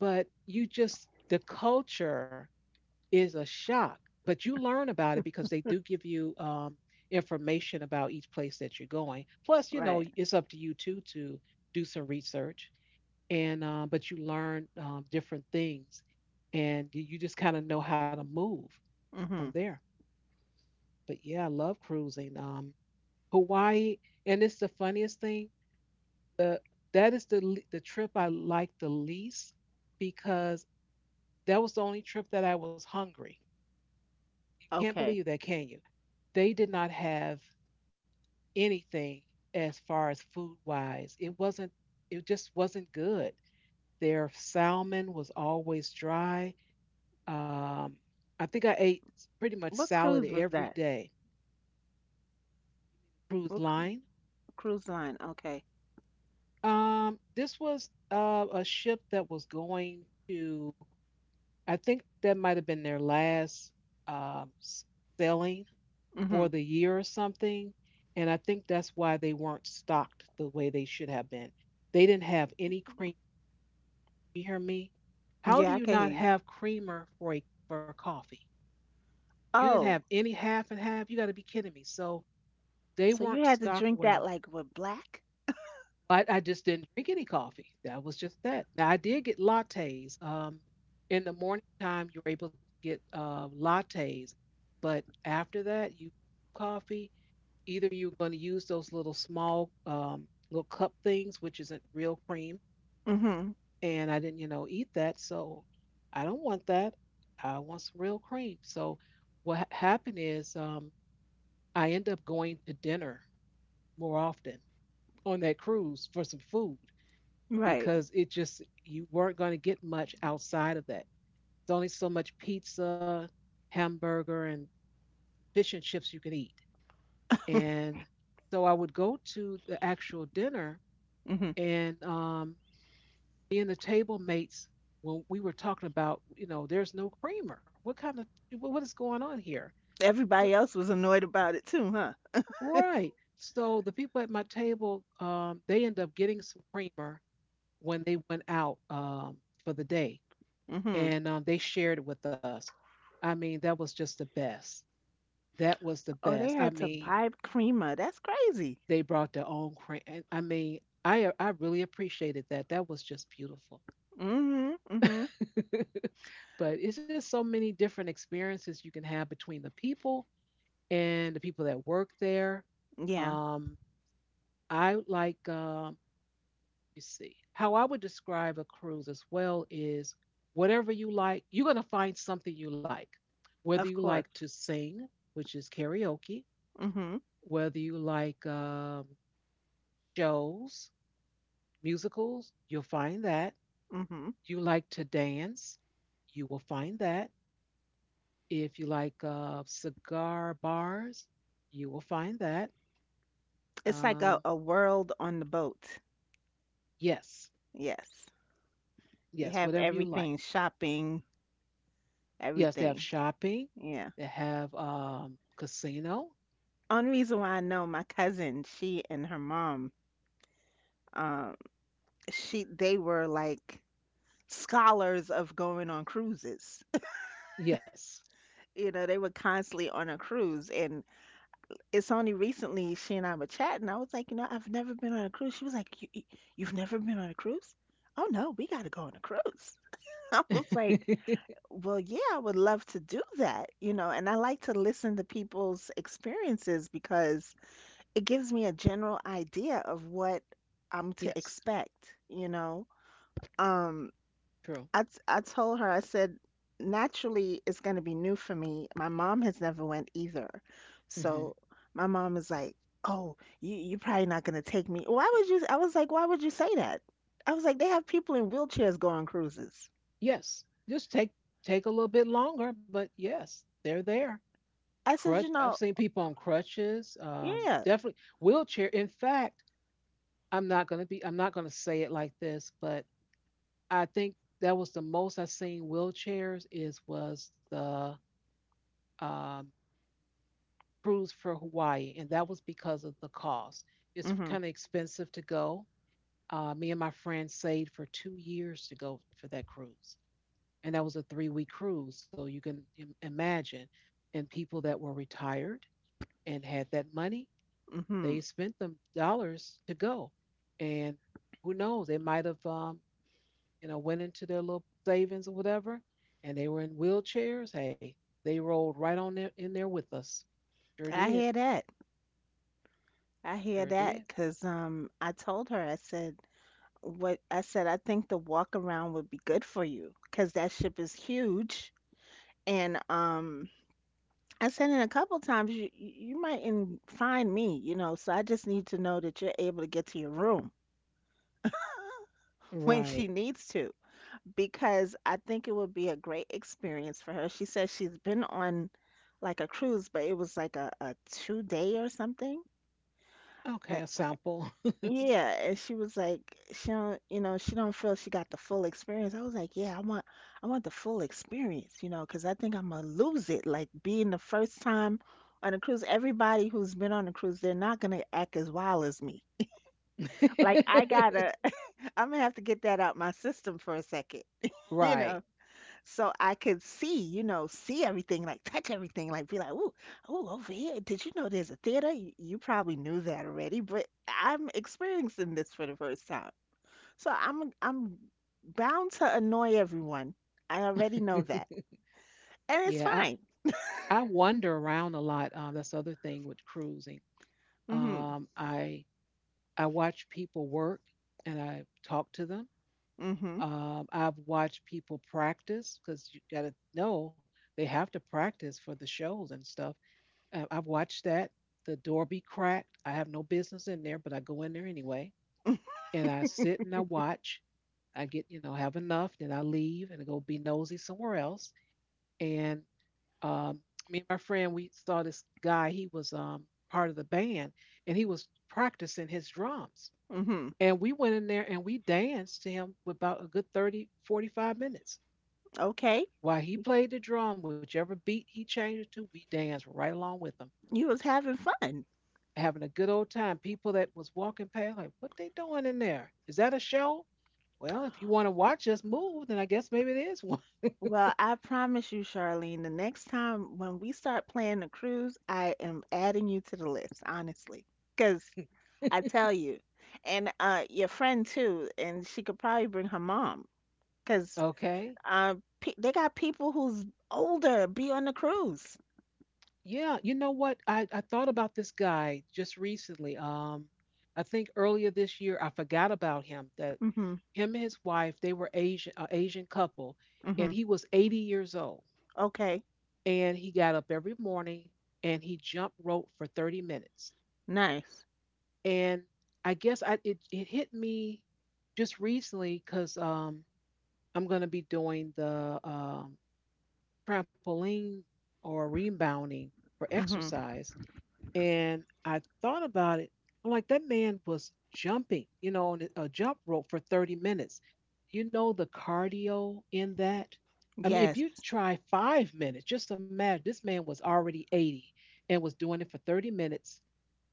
[SPEAKER 1] But you just, the culture is a shock, but you learn about it because they do give you, information about each place that you're going. Plus, you know,
[SPEAKER 2] Right.
[SPEAKER 1] it's up to you too to do some research, and but you learn different things, and you just kind of know how to move from
[SPEAKER 2] Mm-hmm.
[SPEAKER 1] there. But yeah, I love cruising. Hawaii, and it's the funniest thing. The, that is the the trip I like the least, because that was the only trip that I was hungry. Can't believe
[SPEAKER 2] Okay.
[SPEAKER 1] that, can you? They did not have anything as far as food wise. It wasn't, it just wasn't good. Their salmon was always dry. Um, I think I ate pretty much
[SPEAKER 2] What
[SPEAKER 1] salad
[SPEAKER 2] cruise was
[SPEAKER 1] every
[SPEAKER 2] that?
[SPEAKER 1] day. Cruise
[SPEAKER 2] What cru-
[SPEAKER 1] line.
[SPEAKER 2] Cruise line? Okay.
[SPEAKER 1] This was a ship that was going to, I think that might have been their last, um, s- sailing
[SPEAKER 2] Mm-hmm.
[SPEAKER 1] for the year or something. And I think that's why they weren't stocked the way they should have been. They didn't have any cream. You hear me? How
[SPEAKER 2] Yeah,
[SPEAKER 1] do
[SPEAKER 2] I
[SPEAKER 1] you
[SPEAKER 2] can hear
[SPEAKER 1] not
[SPEAKER 2] you.
[SPEAKER 1] have creamer for a, for coffee? You didn't have
[SPEAKER 2] Oh,
[SPEAKER 1] any half and half. You got to be kidding me. So they
[SPEAKER 2] so you
[SPEAKER 1] weren't
[SPEAKER 2] had to
[SPEAKER 1] stocked
[SPEAKER 2] drink that
[SPEAKER 1] well.
[SPEAKER 2] like with black?
[SPEAKER 1] But I just didn't drink any coffee. That was just that. Now I did get lattes. In the morning time, you're able to get lattes, but after that, you, coffee, either you're going to use those little small, little cup things, which isn't real cream,
[SPEAKER 2] Mm-hmm.
[SPEAKER 1] and I didn't, you know, eat that, so I don't want that. I want some real cream. So what happened is, I end up going to dinner more often on that cruise for some food,
[SPEAKER 2] Right.
[SPEAKER 1] because it just, you weren't going to get much outside of that. It's only so much pizza, hamburger, and fish and chips you can eat, and so I would go to the actual dinner,
[SPEAKER 2] Mm-hmm.
[SPEAKER 1] and me and the table mates, when we were talking about, you know, there's no creamer, what kind of, what is going on here. So,
[SPEAKER 2] Everybody else was annoyed about it too, huh?
[SPEAKER 1] right, so the people at my table, they end up getting some creamer when they went out, for the day,
[SPEAKER 2] Mm-hmm.
[SPEAKER 1] and they shared it with us. I mean, that was just the best. That was the
[SPEAKER 2] Oh,
[SPEAKER 1] best.
[SPEAKER 2] they
[SPEAKER 1] I
[SPEAKER 2] had to
[SPEAKER 1] mean,
[SPEAKER 2] buy creamer. That's crazy.
[SPEAKER 1] they brought their own cream. I mean, I really appreciated that. That was just beautiful.
[SPEAKER 2] Mm-hmm. Mm-hmm.
[SPEAKER 1] *laughs* But it's just so many different experiences you can have between the people and the people that work there.
[SPEAKER 2] Yeah,
[SPEAKER 1] Um, I like, let me see, how I would describe a cruise as well is, whatever you like, you're going to find something you like. Whether you
[SPEAKER 2] of
[SPEAKER 1] like to
[SPEAKER 2] course.
[SPEAKER 1] sing, which is karaoke,
[SPEAKER 2] Mm-hmm.
[SPEAKER 1] whether you like shows, musicals, you'll find that.
[SPEAKER 2] Mm-hmm.
[SPEAKER 1] You like to dance, you will find that. If you like cigar bars, you will find that.
[SPEAKER 2] It's like a,
[SPEAKER 1] Um,
[SPEAKER 2] a world on the boat.
[SPEAKER 1] yes,
[SPEAKER 2] Yes. You
[SPEAKER 1] yes,
[SPEAKER 2] have
[SPEAKER 1] whatever you
[SPEAKER 2] everything,
[SPEAKER 1] like.
[SPEAKER 2] shopping,
[SPEAKER 1] Yes, they have
[SPEAKER 2] everything.
[SPEAKER 1] shopping.
[SPEAKER 2] Yeah.
[SPEAKER 1] They have casino.
[SPEAKER 2] Only reason why I know my cousin, she and her mom, um, she they were like scholars of going on cruises. *laughs*
[SPEAKER 1] Yes.
[SPEAKER 2] You know, they were constantly on a cruise, and it's only recently she and I were chatting. I was like, you know, I've never been on a cruise. She was like, you've never been on a cruise? Oh no, we got to go on a cruise. *laughs* I was like,
[SPEAKER 1] *laughs*
[SPEAKER 2] well, yeah, I would love to do that, you know, and I like to listen to people's experiences because it gives me a general idea of what I'm to
[SPEAKER 1] Yes,
[SPEAKER 2] expect, you know. Um,
[SPEAKER 1] true.
[SPEAKER 2] I told her, I said naturally it's going to be new for me. My mom has never went either.
[SPEAKER 1] Hmm.
[SPEAKER 2] So my mom is like, "Oh, you're probably not going to take me." Why would you? I was like, "Why would you say that?" I was like, "They have people in wheelchairs go on cruises."
[SPEAKER 1] Yes, just take a little bit longer, but yes, they're there.
[SPEAKER 2] I said, "You
[SPEAKER 1] Crutch. I've
[SPEAKER 2] know,
[SPEAKER 1] seen people on crutches.
[SPEAKER 2] yeah."
[SPEAKER 1] Definitely wheelchair. In fact, I'm not gonna be, I'm not gonna say it like this, but I think that was the most I seen wheelchairs is, was the, um, cruise for Hawaii, and that was because of the cost. It's
[SPEAKER 2] Mhm.
[SPEAKER 1] kind of expensive to go. Me and my friend saved for 2 years to go for that cruise, and that was a three-week cruise. So you can imagine, and people that were retired and had that money, they
[SPEAKER 2] Mhm.
[SPEAKER 1] spent them dollars to go, and who knows, they might have, you know, went into their little savings or whatever, and they were in wheelchairs. Hey, they rolled right on there, in there with us. Sure
[SPEAKER 2] I
[SPEAKER 1] did.
[SPEAKER 2] hear that. I hear
[SPEAKER 1] Sure did.
[SPEAKER 2] that. Cause I told her, I said what I said, I think the walk around would be good for you. Cause that ship is huge, and I said in a couple times you might in find me, you know, so I just need to know that you're able to get to your room *laughs* when she
[SPEAKER 1] Right.
[SPEAKER 2] needs to, because I think it would be a great experience for her. She says she's been on like a cruise, but it was like a 2 day or something.
[SPEAKER 1] Okay, a sample.
[SPEAKER 2] Yeah, and she was like, she don't, you know, she don't feel she got the full experience. I was like, yeah, I want the full experience, you know, because I think I'm gonna lose it. Like being the first time on a cruise, everybody who's been on a cruise, they're not gonna act as wild as me. Like
[SPEAKER 1] *laughs*
[SPEAKER 2] I gotta, *laughs* I'm gonna have to get that out my system for a second, *laughs* you
[SPEAKER 1] Right.
[SPEAKER 2] know, so I could see, you know, see everything, like touch everything, like be like, ooh, ooh, over here, did you know there's a theater? You probably knew that already, but I'm experiencing this for the first time. So I'm bound to annoy everyone. I already know that.
[SPEAKER 1] *laughs*
[SPEAKER 2] And it's
[SPEAKER 1] Yeah,
[SPEAKER 2] fine.
[SPEAKER 1] I wander around a lot. That's the other thing with cruising.
[SPEAKER 2] Hmm.
[SPEAKER 1] Um, I I watch people work and I talk to them.
[SPEAKER 2] Hmm.
[SPEAKER 1] I've watched people practice because you got to know they have to practice for the shows and stuff. I've watched that. The door be cracked. I have no business in there, but I go in there anyway. And I sit and I watch. I get, you know, have enough. Then I leave and go be nosy somewhere else. And um, me and my friend, we saw this guy. He was part of the band, and he was practicing his drums.
[SPEAKER 2] Hmm.
[SPEAKER 1] And we went in there and we danced to him for about a good 30, 45 minutes.
[SPEAKER 2] Okay.
[SPEAKER 1] While he played the drum, whichever beat he changed it to, we danced right along with him.
[SPEAKER 2] You was having fun.
[SPEAKER 1] Having a good old time. People that was walking past, like, what they doing in there? Is that a show? Well, if you want to watch us move, then I guess maybe it is one. *laughs*
[SPEAKER 2] Well, I promise you, Charlene, the next time when we start planning a cruise, I am adding you to the list, honestly. Because I tell you, and your friend too, and she could probably bring her mom. Because
[SPEAKER 1] Okay.
[SPEAKER 2] uh, pe they got people who's older be on the cruise.
[SPEAKER 1] Yeah, you know what? I thought about this guy just recently. I think earlier this year I forgot about him. That
[SPEAKER 2] Hmm.
[SPEAKER 1] him and his wife, they were Asian, a Asian couple, and
[SPEAKER 2] Hmm.
[SPEAKER 1] he was 80 years old.
[SPEAKER 2] Okay.
[SPEAKER 1] And he got up every morning and he jump rope for 30 minutes.
[SPEAKER 2] Nice.
[SPEAKER 1] And it hit me just recently because I'm going to be doing the trampoline or rebounding for
[SPEAKER 2] Hmm.
[SPEAKER 1] exercise, and I thought about it. I'm like, that man was jumping, you know, on a jump rope for 30 minutes. You know the cardio in that. I mean, if
[SPEAKER 2] Yes.
[SPEAKER 1] you try 5 minutes, just imagine this man was already 80 and was doing it for 30 minutes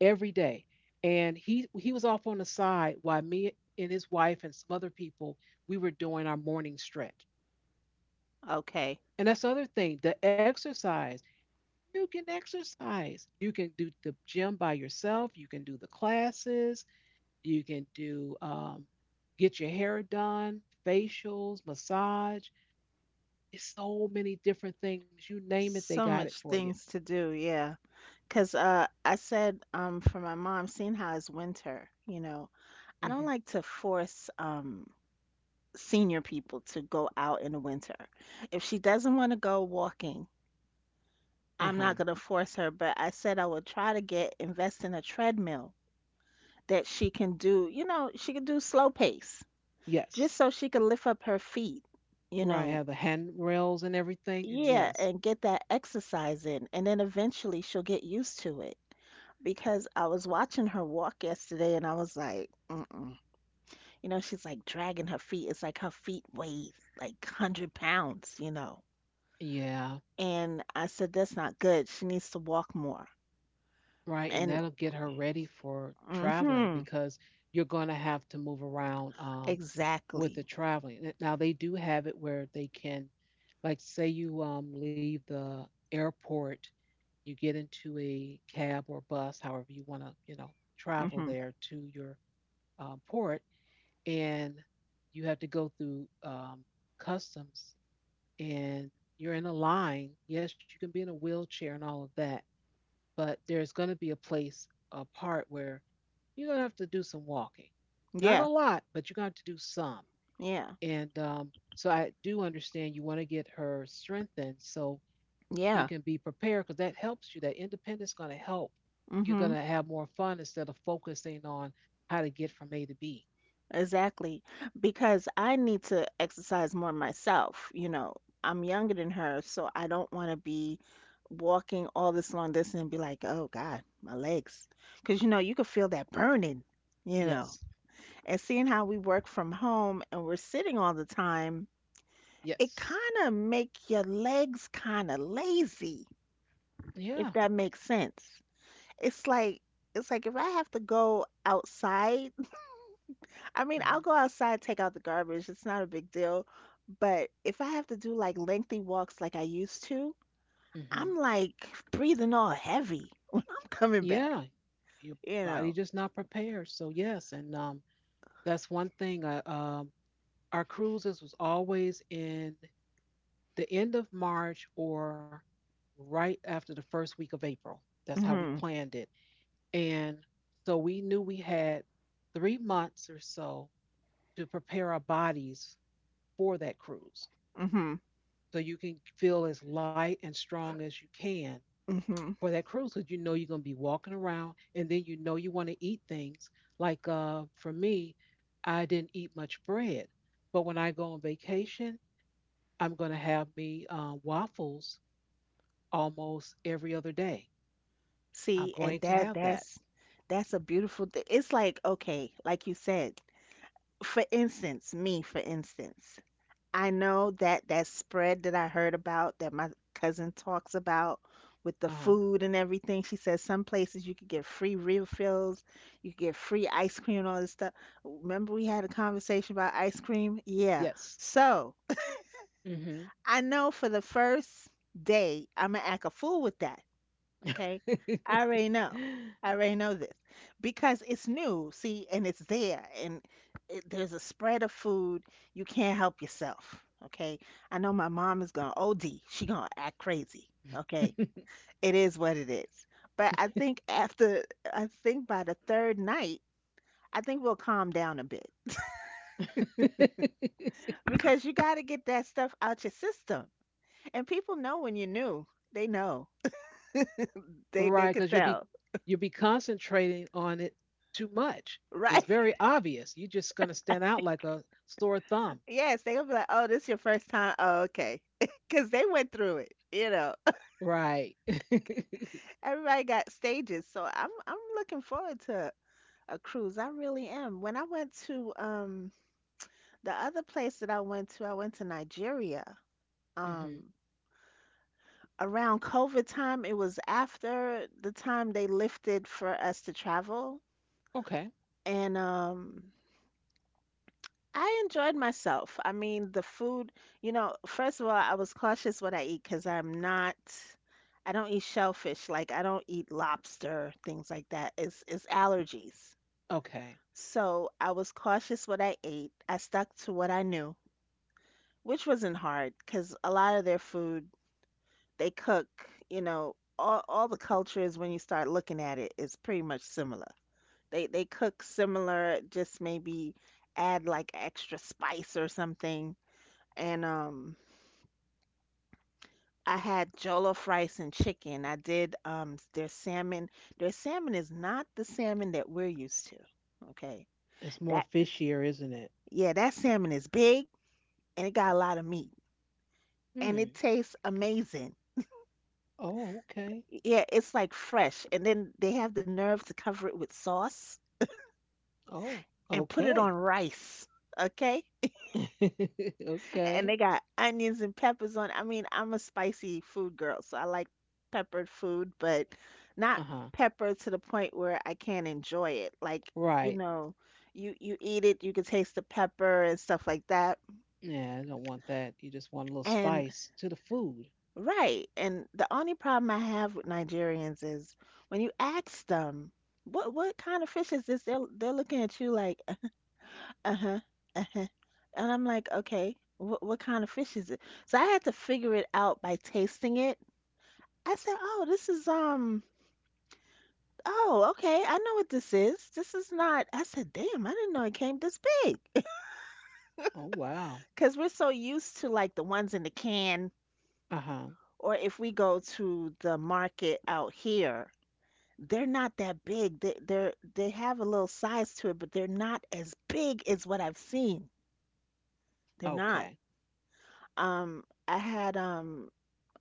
[SPEAKER 1] every day. And he was off on the side while me and his wife and some other people we were doing our morning stretch.
[SPEAKER 2] Okay.
[SPEAKER 1] And that's the other thing, the exercise. You can exercise. You can do the gym by yourself. You can do the classes. You can do get your hair done, facials, massage. It's so many different things. You name it, they
[SPEAKER 2] So
[SPEAKER 1] got it
[SPEAKER 2] much
[SPEAKER 1] for you.
[SPEAKER 2] things to do. Yeah. Cause I said for my mom, seeing how it's winter, you know, I don't
[SPEAKER 1] Hmm
[SPEAKER 2] like to force senior people to go out in the winter. If she doesn't want to go walking,
[SPEAKER 1] Uh
[SPEAKER 2] I'm
[SPEAKER 1] huh.
[SPEAKER 2] not gonna force her. But I said I would try to get invest in a treadmill that she can do. You know, she can do slow pace, just
[SPEAKER 1] Yes.
[SPEAKER 2] so she can lift up her feet. You
[SPEAKER 1] Right.
[SPEAKER 2] know,
[SPEAKER 1] Have the handrails and everything. And
[SPEAKER 2] yeah,
[SPEAKER 1] yes.
[SPEAKER 2] and get that exercise in, and then eventually she'll get used to it. Because I was watching her walk yesterday, and I was like, mm-mm. You know, she's like dragging her feet. It's like her feet weigh like 100 pounds, you know.
[SPEAKER 1] Yeah.
[SPEAKER 2] And I said, that's not good. She needs to walk more.
[SPEAKER 1] Right, and
[SPEAKER 2] And,
[SPEAKER 1] that'll get her ready for traveling
[SPEAKER 2] mm-hmm,
[SPEAKER 1] because you're going to have to move around, with
[SPEAKER 2] exactly.
[SPEAKER 1] the traveling. Now they do have it where they can, like, say you leave the airport, you get into a cab or bus, however you want to, you know, travel
[SPEAKER 2] Mm-hmm.
[SPEAKER 1] there to your port, and you have to go through customs, and you're in a line. Yes, you can be in a wheelchair and all of that, but there's going to be a place, a part where you're going to have to do some walking. Not
[SPEAKER 2] Yeah,
[SPEAKER 1] a lot, but you're going to have to do some.
[SPEAKER 2] yeah,
[SPEAKER 1] And so I do understand you want to get her strengthened. So you
[SPEAKER 2] yeah.
[SPEAKER 1] can be prepared because that helps you. That independence is going to help. You're going to
[SPEAKER 2] Mm-hmm.
[SPEAKER 1] have more fun instead of focusing on how to get from A to B.
[SPEAKER 2] Exactly. Because I need to exercise more myself. You know, I'm younger than her, so I don't want to be walking all this long distance and be like, oh God, my legs. Because, you know, you can feel that burning, you know.
[SPEAKER 1] Yes.
[SPEAKER 2] And seeing how we work from home and we're sitting all the time, it
[SPEAKER 1] Yes.
[SPEAKER 2] kind of make your legs kind of lazy,
[SPEAKER 1] Yeah.
[SPEAKER 2] if that makes sense. It's like, it's like if I have to go outside, I mean, I'll
[SPEAKER 1] hmm
[SPEAKER 2] go outside, take out the garbage. It's not a big deal. But if I have to do like lengthy walks like I used to,
[SPEAKER 1] hmm
[SPEAKER 2] I'm like breathing all heavy *laughs* when I'm coming back,
[SPEAKER 1] Yeah. Your
[SPEAKER 2] you
[SPEAKER 1] body
[SPEAKER 2] know.
[SPEAKER 1] just not prepared. So yes, and that's one thing. Our cruises was always in the end of March or right after the first week of April. That's how we
[SPEAKER 2] Mhm.
[SPEAKER 1] planned it. And so we knew we had 3 months or so to prepare our bodies for that cruise.
[SPEAKER 2] Mhm.
[SPEAKER 1] So you can feel as light and strong as you can
[SPEAKER 2] Mhm.
[SPEAKER 1] for that cruise because you know you're going to be walking around and then you know you want to eat things. Like for me, I didn't eat much bread, but when I go on vacation, I'm going to have me waffles almost every other day. I'm
[SPEAKER 2] See,
[SPEAKER 1] going
[SPEAKER 2] and
[SPEAKER 1] to
[SPEAKER 2] that
[SPEAKER 1] have that.
[SPEAKER 2] that's that's a beautiful thing. It's like, okay, like you said, for instance, me, for instance, I know that that spread that I heard about that my cousin talks about with the
[SPEAKER 1] Uh,
[SPEAKER 2] food and everything. She says some places you could get free refills, you could get free ice cream and all this stuff. Remember we had a conversation about ice cream? Yeah.
[SPEAKER 1] yes.
[SPEAKER 2] So
[SPEAKER 1] hmm
[SPEAKER 2] I know for the first day I'm gonna act a fool with that. Okay. I already know.
[SPEAKER 1] *laughs*
[SPEAKER 2] I already know this because it's new, see, and it's there, and it, there's a spread of food. You can't help yourself. Okay. I know my mom is gonna OD. She gonna act crazy. Okay. It is what it is. But I think after, I think by the third night, I think we'll calm down a bit because you got to get that stuff out your system. And people know when you're new. They know. They
[SPEAKER 1] Right,
[SPEAKER 2] they
[SPEAKER 1] because
[SPEAKER 2] could tell,
[SPEAKER 1] you'll be concentrating on it too much.
[SPEAKER 2] *laughs*
[SPEAKER 1] It's
[SPEAKER 2] right?
[SPEAKER 1] very obvious. You're just going to stand out like a sore thumb.
[SPEAKER 2] Yes, they'll be like, "Oh, this your first time? Oh, okay." *laughs* Because they went through it, you know.
[SPEAKER 1] Right. *laughs*
[SPEAKER 2] *laughs* Everybody got stages, so I'm looking forward to a cruise. I really am. When I went to the other place that I went to Nigeria.
[SPEAKER 1] hmm
[SPEAKER 2] Um, around COVID time, it was after the time they lifted for us to travel,
[SPEAKER 1] Okay.
[SPEAKER 2] and I enjoyed myself. I mean, the food, you know, first of all, I was cautious what I eat because I'm not, I don't eat shellfish. Like I don't eat lobster, things like that. It's allergies.
[SPEAKER 1] Okay.
[SPEAKER 2] So I was cautious what I ate. I stuck to what I knew, which wasn't hard because a lot of their food they cook, you know, all the cultures when you start looking at it is pretty much similar. They cook similar, just maybe add like extra spice or something, and I had jollof rice and chicken. I did their salmon. Their salmon is not the salmon that we're used to. Okay.
[SPEAKER 1] It's more
[SPEAKER 2] That
[SPEAKER 1] fishier, isn't it?
[SPEAKER 2] yeah, that salmon is big and it got a lot of meat and it
[SPEAKER 1] Hmm.
[SPEAKER 2] tastes amazing.
[SPEAKER 1] Oh, okay.
[SPEAKER 2] Yeah, it's like fresh. And then they have the nerve to cover it with sauce
[SPEAKER 1] Oh,
[SPEAKER 2] and put it
[SPEAKER 1] okay.
[SPEAKER 2] on rice. Okay?
[SPEAKER 1] *laughs*
[SPEAKER 2] And
[SPEAKER 1] Okay.
[SPEAKER 2] they got onions and peppers on. I mean, I'm a spicy food girl, so I like peppered food, but
[SPEAKER 1] Uh
[SPEAKER 2] not
[SPEAKER 1] huh.
[SPEAKER 2] pepper to the point where I can't enjoy it. Like, you
[SPEAKER 1] Right.
[SPEAKER 2] know, you eat it, you can taste the pepper and stuff like that.
[SPEAKER 1] Yeah, I don't want that. You just want a little
[SPEAKER 2] And
[SPEAKER 1] spice to the food.
[SPEAKER 2] right, and the only problem I have with Nigerians is when you ask them, "What kind of fish is this?" They're looking at you like, "Uh-huh, uh-huh." And I'm like, "Okay, what kind of fish is it?" So I had to figure it out by tasting it. I said, "Oh, this is oh, okay, I know what this is. This is not." I said, "Damn, I didn't know it came this big." *laughs*
[SPEAKER 1] Oh, wow.
[SPEAKER 2] Because we're so used to like the ones in the can,
[SPEAKER 1] Uh huh.
[SPEAKER 2] or if we go to the market out here, they're not that big. They have a little size to it, but they're not as big as what I've seen. They're not.
[SPEAKER 1] Okay.
[SPEAKER 2] Um, I had um,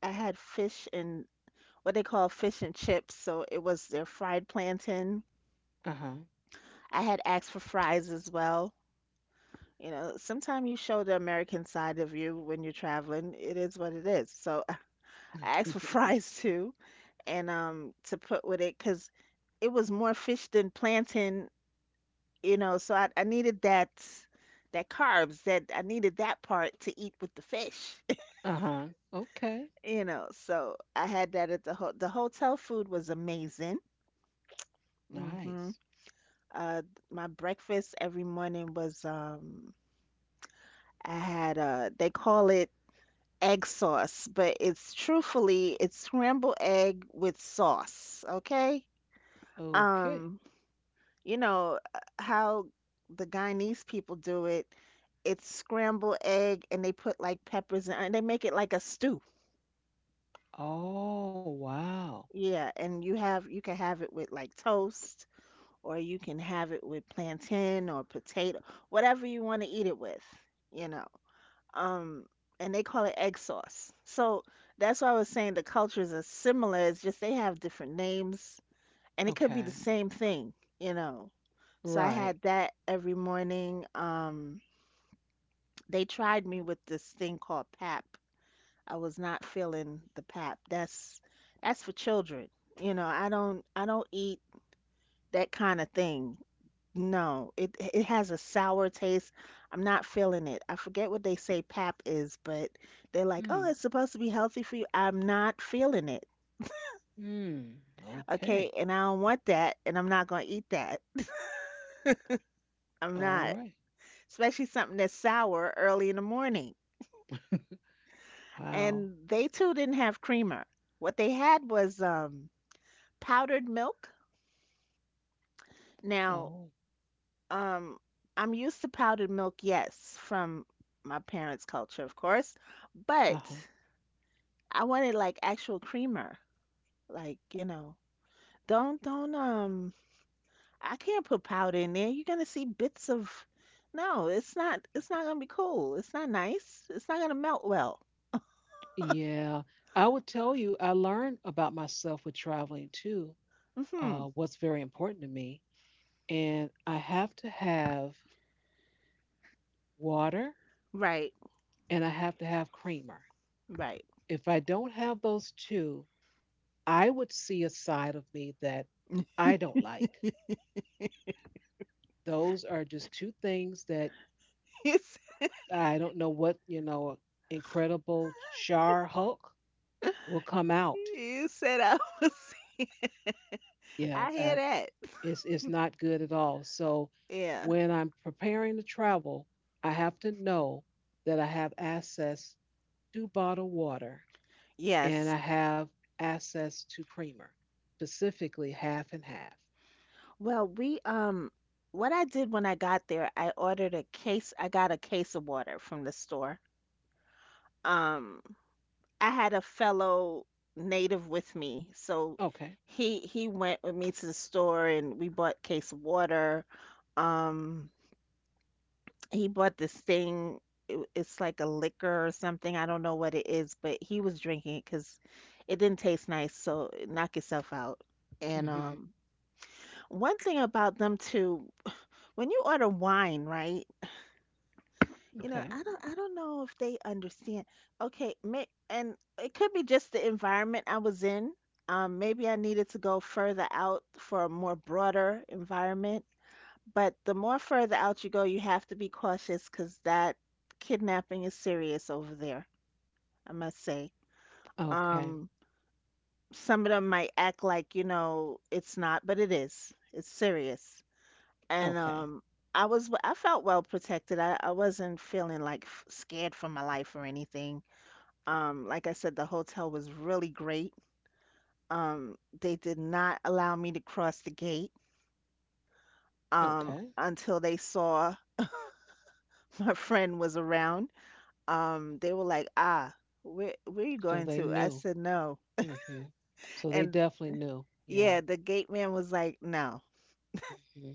[SPEAKER 2] I had fish and what they call fish and chips, so it was their fried plantain.
[SPEAKER 1] Uh huh.
[SPEAKER 2] I had asked for fries as well. You know, sometimes you show the American side of you when you're traveling. It is what it is. So *laughs* I asked for fries too, and to put with it because it was more fish than plantain, you know. So I needed that that carbs that I needed that part to eat with the fish, *laughs*
[SPEAKER 1] *laughs* uh huh. Okay.
[SPEAKER 2] you know. So I had that at the hotel food was amazing.
[SPEAKER 1] Nice.
[SPEAKER 2] Hmm. Uh, my breakfast every morning was I had they call it egg sauce, but it's truthfully it's scrambled egg with sauce, okay?
[SPEAKER 1] Okay.
[SPEAKER 2] Um, you know how the Guyanese people do it, it's scrambled egg and they put like peppers and they make it like a stew.
[SPEAKER 1] Oh, wow.
[SPEAKER 2] Yeah, and you have you can have it with like toast, or you can have it with plantain or potato, whatever you want to eat it with, you know. um, and they call it egg sauce. So that's why I was saying the cultures are similar. It's just they have different names, and it could be
[SPEAKER 1] Okay.
[SPEAKER 2] the same thing, you know. So I
[SPEAKER 1] Right.
[SPEAKER 2] had that every morning. They tried me with this thing called pap. I was not feeling the pap. That's for children. You know, I don't eat that kind of thing. No, it has a sour taste. I'm not feeling it. I forget what they say pap is, but they're like, "Oh,
[SPEAKER 1] Hmm.
[SPEAKER 2] it's supposed to be healthy for you." I'm not feeling it.
[SPEAKER 1] Hmm. Okay.
[SPEAKER 2] Okay, and I don't want that, and I'm not going to eat that. I'm
[SPEAKER 1] All
[SPEAKER 2] not,
[SPEAKER 1] right.
[SPEAKER 2] especially something that's sour early in the morning.
[SPEAKER 1] Wow.
[SPEAKER 2] And they too didn't have creamer. What they had was powdered milk. Now,
[SPEAKER 1] Oh,
[SPEAKER 2] um I'm used to powdered milk, yes, from my parents' culture, of course, but
[SPEAKER 1] uh-huh.
[SPEAKER 2] I wanted like actual creamer. Like, you know, don't I can't put powder in there. You're gonna see bits of no, it's not gonna be cool. It's not nice. It's not gonna melt well.
[SPEAKER 1] Yeah. I would tell you, I learned about myself with traveling too,
[SPEAKER 2] Mm-hmm.
[SPEAKER 1] what's very important to me. And I have to have water
[SPEAKER 2] Right,
[SPEAKER 1] and I have to have creamer.
[SPEAKER 2] right. *laughs*
[SPEAKER 1] If I don't have those two, I would see a side of me that I don't like. Those are just two things that
[SPEAKER 2] You s-
[SPEAKER 1] I don't know what, you know, incredible Char Hulk will come out.
[SPEAKER 2] you said I was *laughs*
[SPEAKER 1] Yeah,
[SPEAKER 2] I hear
[SPEAKER 1] I,
[SPEAKER 2] that.
[SPEAKER 1] It's not good at all. So
[SPEAKER 2] Yeah.
[SPEAKER 1] when I'm preparing to travel, I have to know that I have access to bottled water and
[SPEAKER 2] Yes.
[SPEAKER 1] I have access to creamer, specifically half and half.
[SPEAKER 2] Well, we what I did when I got there, I got a case of water from the store. Um I had a fellow native with me, so
[SPEAKER 1] Okay.
[SPEAKER 2] he went with me to the store and we bought a case of water. Um, he bought this thing. It's like a liquor or something. I don't know what it is, but he was drinking it because it didn't taste nice. So knock yourself out. And
[SPEAKER 1] hmm
[SPEAKER 2] One thing about them too, when you order wine, right? You know,
[SPEAKER 1] Okay.
[SPEAKER 2] I don't know if they understand. Okay, may, and it could be just the environment I was in. Maybe I needed to go further out for a more broader environment. But the more further out you go, you have to be cautious because that kidnapping is serious over there, I must say.
[SPEAKER 1] Okay.
[SPEAKER 2] Um, some of them might act like, you know, it's not, but it is. It's serious. And
[SPEAKER 1] Okay.
[SPEAKER 2] I was, I felt well protected. I wasn't feeling like scared for my life or anything. Like I said, the hotel was really great. Um, they did not allow me to cross the gate
[SPEAKER 1] Okay.
[SPEAKER 2] until they saw *laughs* my friend was around. They were like, "Ah, where are you
[SPEAKER 1] So
[SPEAKER 2] going
[SPEAKER 1] they
[SPEAKER 2] to?" I
[SPEAKER 1] knew.
[SPEAKER 2] said, "No."
[SPEAKER 1] Hmm So they
[SPEAKER 2] And
[SPEAKER 1] definitely knew. Yeah.
[SPEAKER 2] yeah, the gate man was like, "No."
[SPEAKER 1] hmm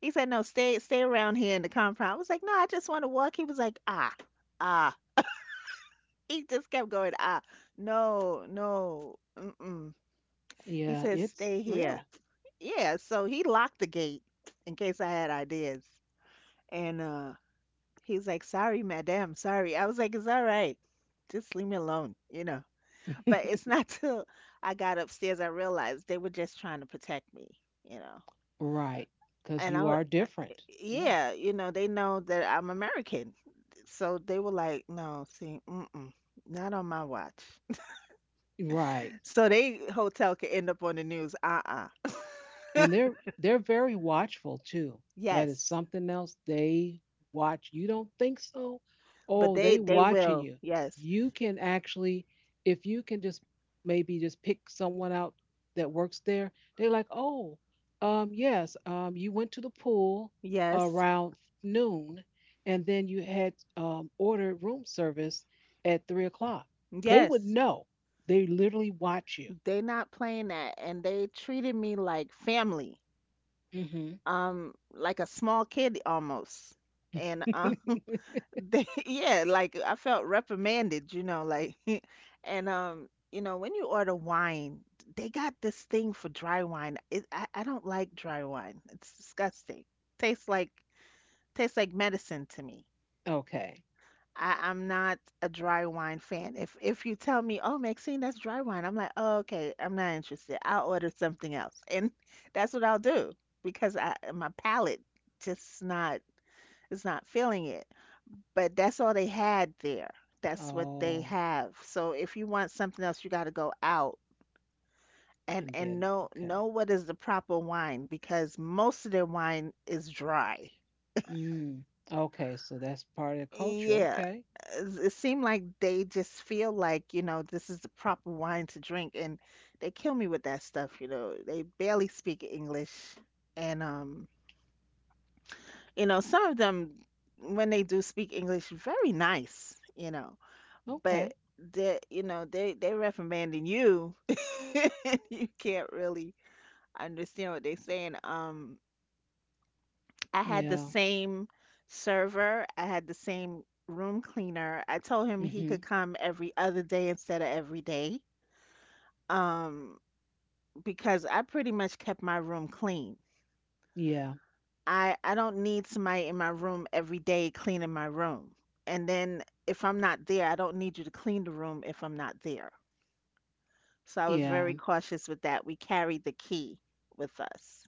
[SPEAKER 2] He said, "No, stay around here in the compound." I was like, "No, I just want to walk." He was like, "Ah, ah." He just kept going, "Ah, no, no, mm-mm." He
[SPEAKER 1] Yeah.
[SPEAKER 2] says,
[SPEAKER 1] It's
[SPEAKER 2] "Stay here."
[SPEAKER 1] real.
[SPEAKER 2] Yeah, so he locked the gate in case I had ideas. And He's like, "Sorry, madam, sorry." I was like, "It's all right. Just leave me alone, you know." But it's
[SPEAKER 1] *laughs*
[SPEAKER 2] not *laughs* till I got upstairs I realized they were just trying to protect me, you know.
[SPEAKER 1] Right. Because
[SPEAKER 2] And I
[SPEAKER 1] you
[SPEAKER 2] w-
[SPEAKER 1] are
[SPEAKER 2] uh,
[SPEAKER 1] different. Yeah.
[SPEAKER 2] yeah, you know, they know that I'm American. So they were like, "No, see, mm-mm, not on my watch." *laughs*
[SPEAKER 1] Right.
[SPEAKER 2] So they hotel could end up on the news. Uh-uh.
[SPEAKER 1] And they're very watchful too.
[SPEAKER 2] *laughs*
[SPEAKER 1] That is
[SPEAKER 2] Yes.
[SPEAKER 1] something else they watch. You don't think so,
[SPEAKER 2] But
[SPEAKER 1] oh,
[SPEAKER 2] they
[SPEAKER 1] they
[SPEAKER 2] they
[SPEAKER 1] watching
[SPEAKER 2] will.
[SPEAKER 1] you.
[SPEAKER 2] Yes.
[SPEAKER 1] You can actually, if you can just maybe just pick someone out that works there, they're like, oh, yes, you went to the pool
[SPEAKER 2] Yes.
[SPEAKER 1] around noon and then you had ordered room service at 3 o'clock, they would
[SPEAKER 2] Yes.
[SPEAKER 1] know. They literally watch you.
[SPEAKER 2] They not playing that and they treated me like family.
[SPEAKER 1] Hmm
[SPEAKER 2] Um, like a small kid almost. And *laughs* they yeah, like I felt reprimanded, you know, like *laughs* and you know, when you order wine, they got this thing for dry wine. It, I don't like dry wine. It's disgusting. Tastes like Tastes like medicine to me.
[SPEAKER 1] *laughs* Okay.
[SPEAKER 2] I, I'm not a dry wine fan. If you tell me, oh, Maxine, that's dry wine, I'm like, oh, okay, I'm not interested. I'll order something else, and *laughs* that's what I'll do because I my palate just not is not feeling it. But that's all they had there. That's what they
[SPEAKER 1] Oh,
[SPEAKER 2] have. So if you want something else, you got to go out
[SPEAKER 1] I get
[SPEAKER 2] and
[SPEAKER 1] it.
[SPEAKER 2] know
[SPEAKER 1] Okay.
[SPEAKER 2] know what is the proper wine because most of their wine is dry.
[SPEAKER 1] Mm. Okay, so that's part of the culture.
[SPEAKER 2] Yeah,
[SPEAKER 1] Okay.
[SPEAKER 2] it's- it seemed like they just feel like, you know, this is the proper wine to drink, and they kill me with that stuff, you know. They barely speak English, and you know, some of them when they do speak English, very nice, you know, but
[SPEAKER 1] Okay.
[SPEAKER 2] they, you know, they recommending you, *laughs* and you can't really understand what they're saying. I had the
[SPEAKER 1] Yeah.
[SPEAKER 2] same server, I had the same room cleaner. I told him he could
[SPEAKER 1] Mm-hmm.
[SPEAKER 2] come every other day instead of every day. Um, because I pretty much kept my room clean.
[SPEAKER 1] Yeah.
[SPEAKER 2] I don't need somebody in my room every day cleaning my room. And then if I'm not there, I don't need you to clean the room if I'm not there. So I was very
[SPEAKER 1] Yeah.
[SPEAKER 2] cautious with that. We carried the key with us.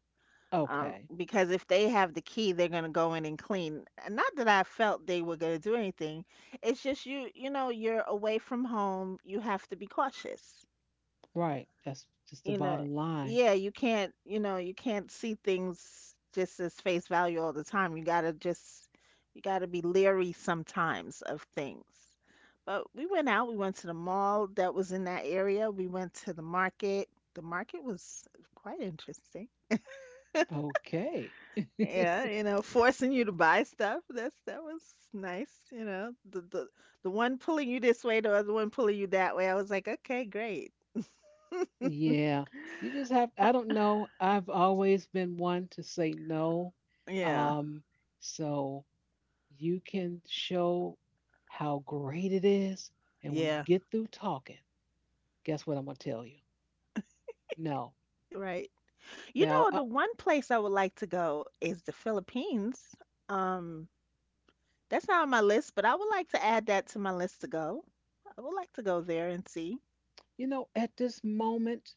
[SPEAKER 1] Okay.
[SPEAKER 2] Because if they have the key, they're gonna go in and clean. And not that I felt they were gonna do anything. It's just you, you know, you're away from home. You have to be cautious.
[SPEAKER 1] Right. That's just the
[SPEAKER 2] You know,
[SPEAKER 1] bottom line.
[SPEAKER 2] yeah, you can't, you know, you can't see things just as face value all the time. You gotta just, you gotta be leery sometimes of things. But we went out. We went to the mall that was in that area. We went to the market. The market was quite interesting.
[SPEAKER 1] Okay.
[SPEAKER 2] Yeah,
[SPEAKER 1] *laughs*
[SPEAKER 2] you know, forcing you to buy stuff. That was nice, you know. The one pulling you this way, the other one pulling you that way. I was like, okay, great.
[SPEAKER 1] Yeah. You just have I don't know. I've always been one to say no.
[SPEAKER 2] Yeah.
[SPEAKER 1] Um, so you can show how great it is. And when you
[SPEAKER 2] Yeah.
[SPEAKER 1] get through talking, guess what I'm gonna tell you? No.
[SPEAKER 2] Right. You
[SPEAKER 1] Now
[SPEAKER 2] know, the one place I would like to go is the Philippines. Um, that's not on my list, but I would like to add that to my list to go. I would like to go there and see.
[SPEAKER 1] you know, at this moment,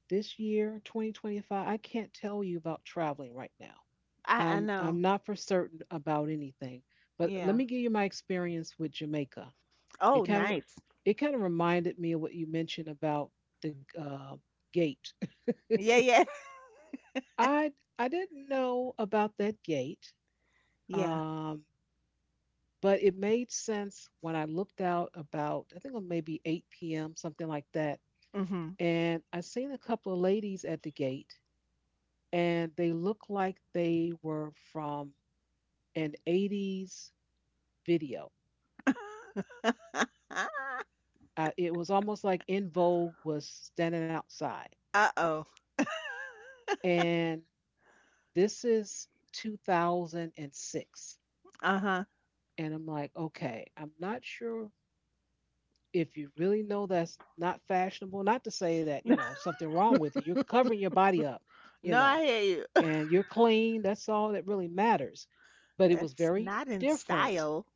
[SPEAKER 1] this year, 2025, I can't tell you about traveling right now.
[SPEAKER 2] I
[SPEAKER 1] I'm
[SPEAKER 2] know.
[SPEAKER 1] I'm not for certain about anything. But let
[SPEAKER 2] Yeah.
[SPEAKER 1] me give you my experience with Jamaica. It
[SPEAKER 2] Oh,
[SPEAKER 1] kind of
[SPEAKER 2] nice.
[SPEAKER 1] it kind of reminded me of what you mentioned about the gate. *laughs*
[SPEAKER 2] Yeah, yeah. *laughs*
[SPEAKER 1] I didn't know about that gate,
[SPEAKER 2] Yeah.
[SPEAKER 1] um, but it made sense when I looked out about I think it was maybe 8 p.m. something like that,
[SPEAKER 2] Mm-hmm.
[SPEAKER 1] and I seen a couple of ladies at the gate, and they looked like they were from an 80s video.
[SPEAKER 2] *laughs*
[SPEAKER 1] It was almost like In Vogue was standing outside.
[SPEAKER 2] Uh-oh.
[SPEAKER 1] And this is 2006.
[SPEAKER 2] Uh-huh.
[SPEAKER 1] And I'm like, okay, I'm not sure if you really know that's not fashionable. Not to say that, you
[SPEAKER 2] *laughs*
[SPEAKER 1] know, something wrong with it. You're covering your body up, you
[SPEAKER 2] No,
[SPEAKER 1] know,
[SPEAKER 2] I hear you.
[SPEAKER 1] and you're clean. That's all that really matters. But it was
[SPEAKER 2] That's
[SPEAKER 1] very
[SPEAKER 2] not in
[SPEAKER 1] different
[SPEAKER 2] style.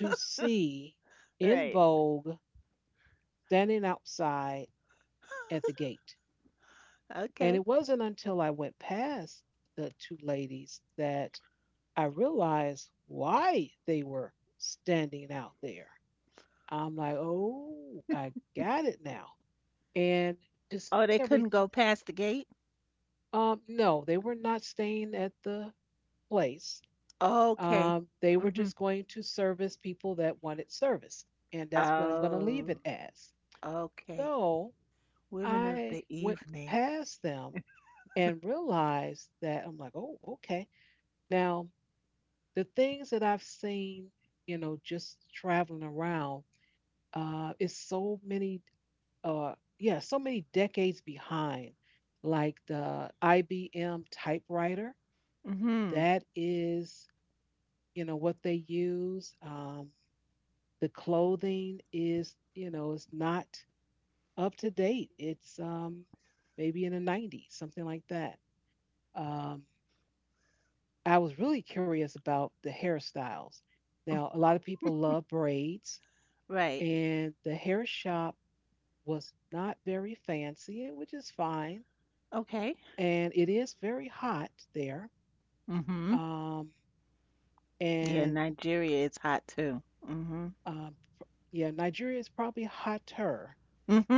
[SPEAKER 1] to see In
[SPEAKER 2] Right.
[SPEAKER 1] Vogue standing outside at the gate. And it
[SPEAKER 2] Okay.
[SPEAKER 1] wasn't until I went past the two ladies that I realized why they were standing out there. I'm like, oh, I got it now. And just
[SPEAKER 2] Oh, they
[SPEAKER 1] every,
[SPEAKER 2] couldn't go past the gate?
[SPEAKER 1] no, they were not staying at the place.
[SPEAKER 2] Okay.
[SPEAKER 1] They were
[SPEAKER 2] Mm-hmm.
[SPEAKER 1] just going to service people that wanted service. And that's what I'm going to leave it
[SPEAKER 2] Oh,
[SPEAKER 1] as.
[SPEAKER 2] okay.
[SPEAKER 1] So
[SPEAKER 2] Women of
[SPEAKER 1] I
[SPEAKER 2] the
[SPEAKER 1] went
[SPEAKER 2] evening.
[SPEAKER 1] past them and realized that I'm like, oh, okay. Now, the things that I've seen, you know, just traveling around, is so many, uh, yeah, so many decades behind. Like the IBM typewriter,
[SPEAKER 2] Mm-hmm.
[SPEAKER 1] that is, you know, what they use. The clothing is, you know, is not up to date. It's maybe in the 90s, something like that. Um, I was really curious about the hairstyles. Now, a lot of people love braids,
[SPEAKER 2] Right.
[SPEAKER 1] and the hair shop was not very fancy, which is fine.
[SPEAKER 2] Okay.
[SPEAKER 1] And it is very hot there.
[SPEAKER 2] Mm-hmm.
[SPEAKER 1] Um,
[SPEAKER 2] Yeah,
[SPEAKER 1] and
[SPEAKER 2] Nigeria is hot too. Mm-hmm.
[SPEAKER 1] um, yeah, Nigeria is probably hotter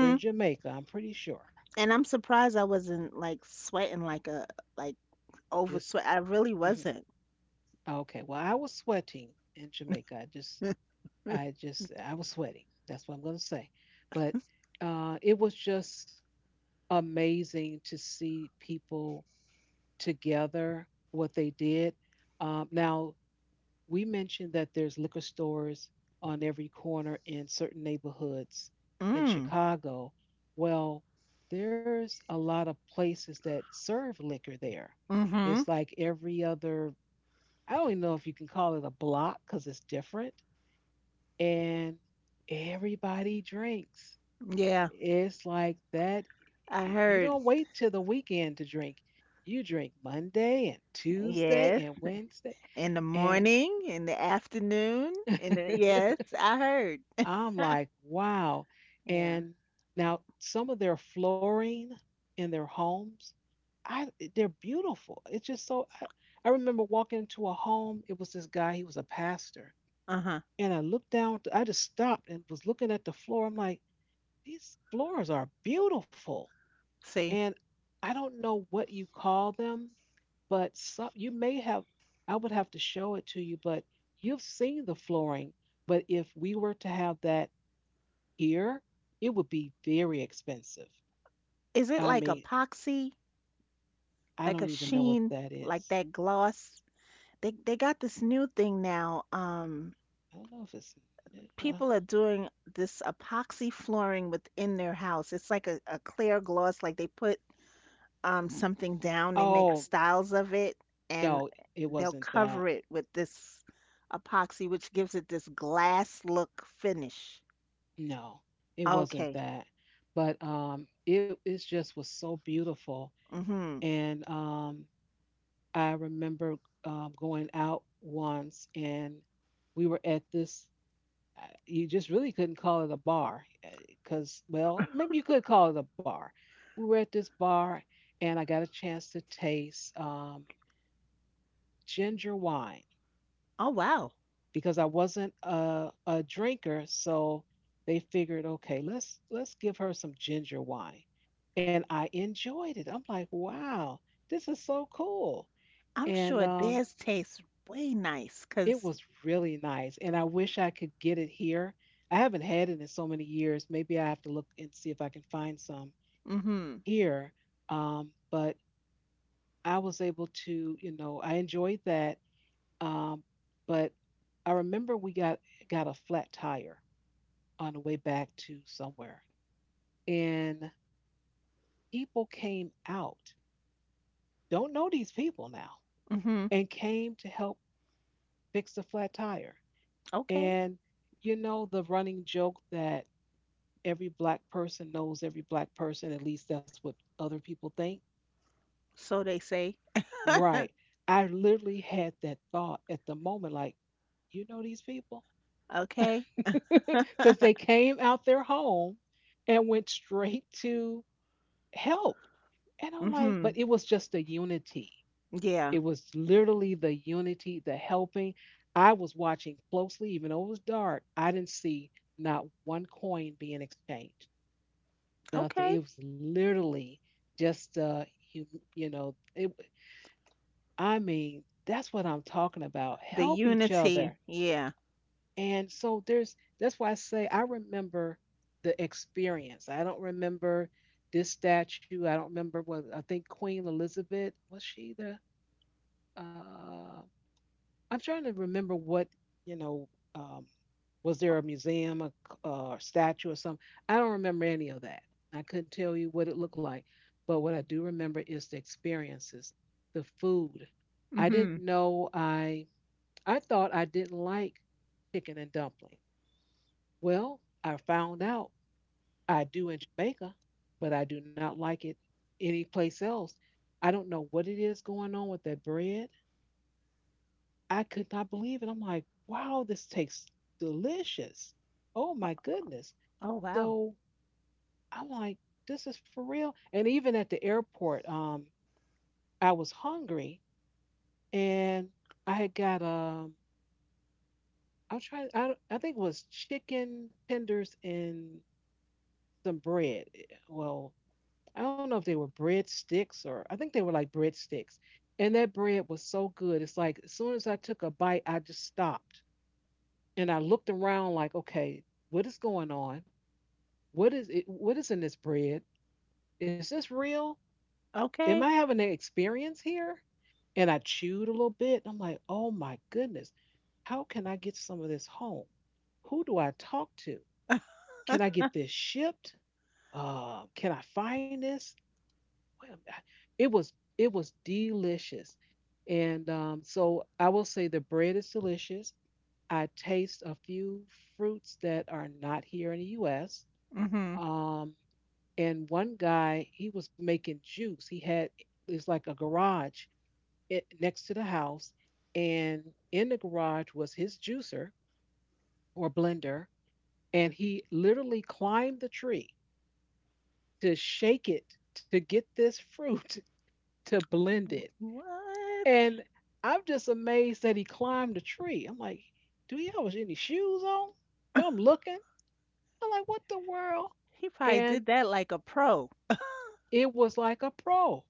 [SPEAKER 1] than Jamaica, I'm pretty sure.
[SPEAKER 2] And I'm surprised I wasn't like sweating like a like over
[SPEAKER 1] Just
[SPEAKER 2] sweat. I really
[SPEAKER 1] mhm.
[SPEAKER 2] wasn't.
[SPEAKER 1] Okay. Well, I was sweating in Jamaica. I was sweating. That's what I'm going to say. But it was just amazing to see people together, what they did. Now, we mentioned that there's liquor stores on every corner in certain neighborhoods in
[SPEAKER 2] Mm.
[SPEAKER 1] Chicago. Well, there's a lot of places that serve liquor there.
[SPEAKER 2] Mm-hmm.
[SPEAKER 1] It's like every other, I don't even know if you can call it a block because it's different. And everybody drinks.
[SPEAKER 2] Yeah.
[SPEAKER 1] It's like that.
[SPEAKER 2] I
[SPEAKER 1] You don't
[SPEAKER 2] heard.
[SPEAKER 1] wait till the weekend to drink. You drink Monday and Tuesday
[SPEAKER 2] Yes.
[SPEAKER 1] and Wednesday.
[SPEAKER 2] In the
[SPEAKER 1] And
[SPEAKER 2] morning, in the afternoon, in the yes,
[SPEAKER 1] *laughs*
[SPEAKER 2] I heard.
[SPEAKER 1] I'm like, wow.
[SPEAKER 2] Yeah.
[SPEAKER 1] And now some of their flooring in their homes, I they're beautiful. It's just so I remember walking into a home, it was this guy, he was a pastor.
[SPEAKER 2] Uh-huh.
[SPEAKER 1] And I looked down, I just stopped and was looking at the floor. I'm like, these floors are beautiful.
[SPEAKER 2] See,
[SPEAKER 1] And I don't know what you call them, but some you may have I would have to show it to you, but you've seen the flooring, but if we were to have that here, it would be very expensive.
[SPEAKER 2] is it
[SPEAKER 1] I
[SPEAKER 2] like a
[SPEAKER 1] mean,
[SPEAKER 2] epoxy,
[SPEAKER 1] I don't
[SPEAKER 2] like a
[SPEAKER 1] even know what
[SPEAKER 2] sheen,
[SPEAKER 1] that
[SPEAKER 2] like
[SPEAKER 1] is.
[SPEAKER 2] that gloss? They got this new thing now.
[SPEAKER 1] I don't know if it's uh,
[SPEAKER 2] People are doing this epoxy flooring within their house. It's like a clear gloss, like they put something down, they make
[SPEAKER 1] oh,
[SPEAKER 2] styles of it, and
[SPEAKER 1] no, it
[SPEAKER 2] they'll
[SPEAKER 1] wasn't that.
[SPEAKER 2] cover it with this epoxy, which gives it this glass look finish.
[SPEAKER 1] No, it wasn't
[SPEAKER 2] Okay.
[SPEAKER 1] that. But it it just was so beautiful
[SPEAKER 2] Mhm.
[SPEAKER 1] and I remember going out once and we were at this, you just really couldn't call it a bar because, well, maybe you could call it a bar. We were at this bar and I got a chance to taste ginger wine
[SPEAKER 2] Oh, wow.
[SPEAKER 1] because I wasn't a drinker. So they figured, okay, let's give her some ginger wine. And I enjoyed it. I'm like, wow, this is so cool.
[SPEAKER 2] I'm
[SPEAKER 1] And
[SPEAKER 2] sure theirs tastes way nice
[SPEAKER 1] it
[SPEAKER 2] because,
[SPEAKER 1] was really nice, and I wish I could get it here. I haven't had it in so many years. Maybe I have to look and see if I can find some
[SPEAKER 2] Mhm.
[SPEAKER 1] here. But I was able to, I enjoyed that. Um, but I remember we got a flat tire on the way back to somewhere, and people came out. Don't know these people now,
[SPEAKER 2] Mhm.
[SPEAKER 1] and came to help fix the flat tire.
[SPEAKER 2] Okay,
[SPEAKER 1] And you know the running joke that every black person knows every black person. At least that's what other people think.
[SPEAKER 2] so they say,
[SPEAKER 1] Right. I literally had that thought at the moment, like, you know these people?
[SPEAKER 2] okay,
[SPEAKER 1] *laughs* Because they came out their home and went straight to help. And I'm like, but
[SPEAKER 2] hmm
[SPEAKER 1] it was just the unity.
[SPEAKER 2] yeah,
[SPEAKER 1] It was literally the unity, the helping. I was watching closely, even though it was dark, I didn't see not one coin being exchanged. Nothing.
[SPEAKER 2] okay.
[SPEAKER 1] It was literally just you, it I mean, that's what I'm talking about.
[SPEAKER 2] The
[SPEAKER 1] Help each
[SPEAKER 2] unity,
[SPEAKER 1] other.
[SPEAKER 2] yeah.
[SPEAKER 1] And so there's that's why I say I remember the experience. I don't remember this statue. I don't remember what, I think Queen Elizabeth, was she the uh I'm trying to remember what, you know, um was there a museum, a statue, or something? I don't remember any of that. I couldn't tell you what it looked like, but what I do remember is the experiences, the food. I didn't
[SPEAKER 2] Mhm.
[SPEAKER 1] know I thought I didn't like chicken and dumpling. Well, I found out I do in Jamaica, but I do not like it any place else. I don't know what it is going on with that bread. I could not believe it. I'm like, wow, this tastes delicious. Oh my goodness.
[SPEAKER 2] Oh, wow.
[SPEAKER 1] So I'm like, this is for real. And even at the airport, I was hungry and I had got I'm trying. I don't- I think it was chicken tenders and some bread. Well, I don't know if they were bread sticks, or I think they were like bread sticks. And that bread was so good. It's like as soon as I took a bite, I just stopped and I looked around like, okay, what is going on? What is it? What is in this bread? Is this real? Am
[SPEAKER 2] Okay.
[SPEAKER 1] I having an experience here? And I chewed a little bit. I'm like, oh my goodness, how can I get some of this home? Who do I talk to? Can I
[SPEAKER 2] *laughs*
[SPEAKER 1] get this shipped? Can I find this? Well, it was delicious, and so I will say the bread is delicious. I taste a few fruits that are not here in the U.S.
[SPEAKER 2] Mhm.
[SPEAKER 1] Um, and one guy, he was making juice. He had, it's like a garage it next to the house, and in the garage was his juicer or blender, and he literally climbed the tree to shake it to get this fruit *laughs* to blend it.
[SPEAKER 2] What?
[SPEAKER 1] And I'm just amazed that he climbed the tree. I'm like, do he have any shoes on? So I'm looking. I'm like, what the world?
[SPEAKER 2] He probably did
[SPEAKER 1] And
[SPEAKER 2] that like a pro.
[SPEAKER 1] it was like a pro.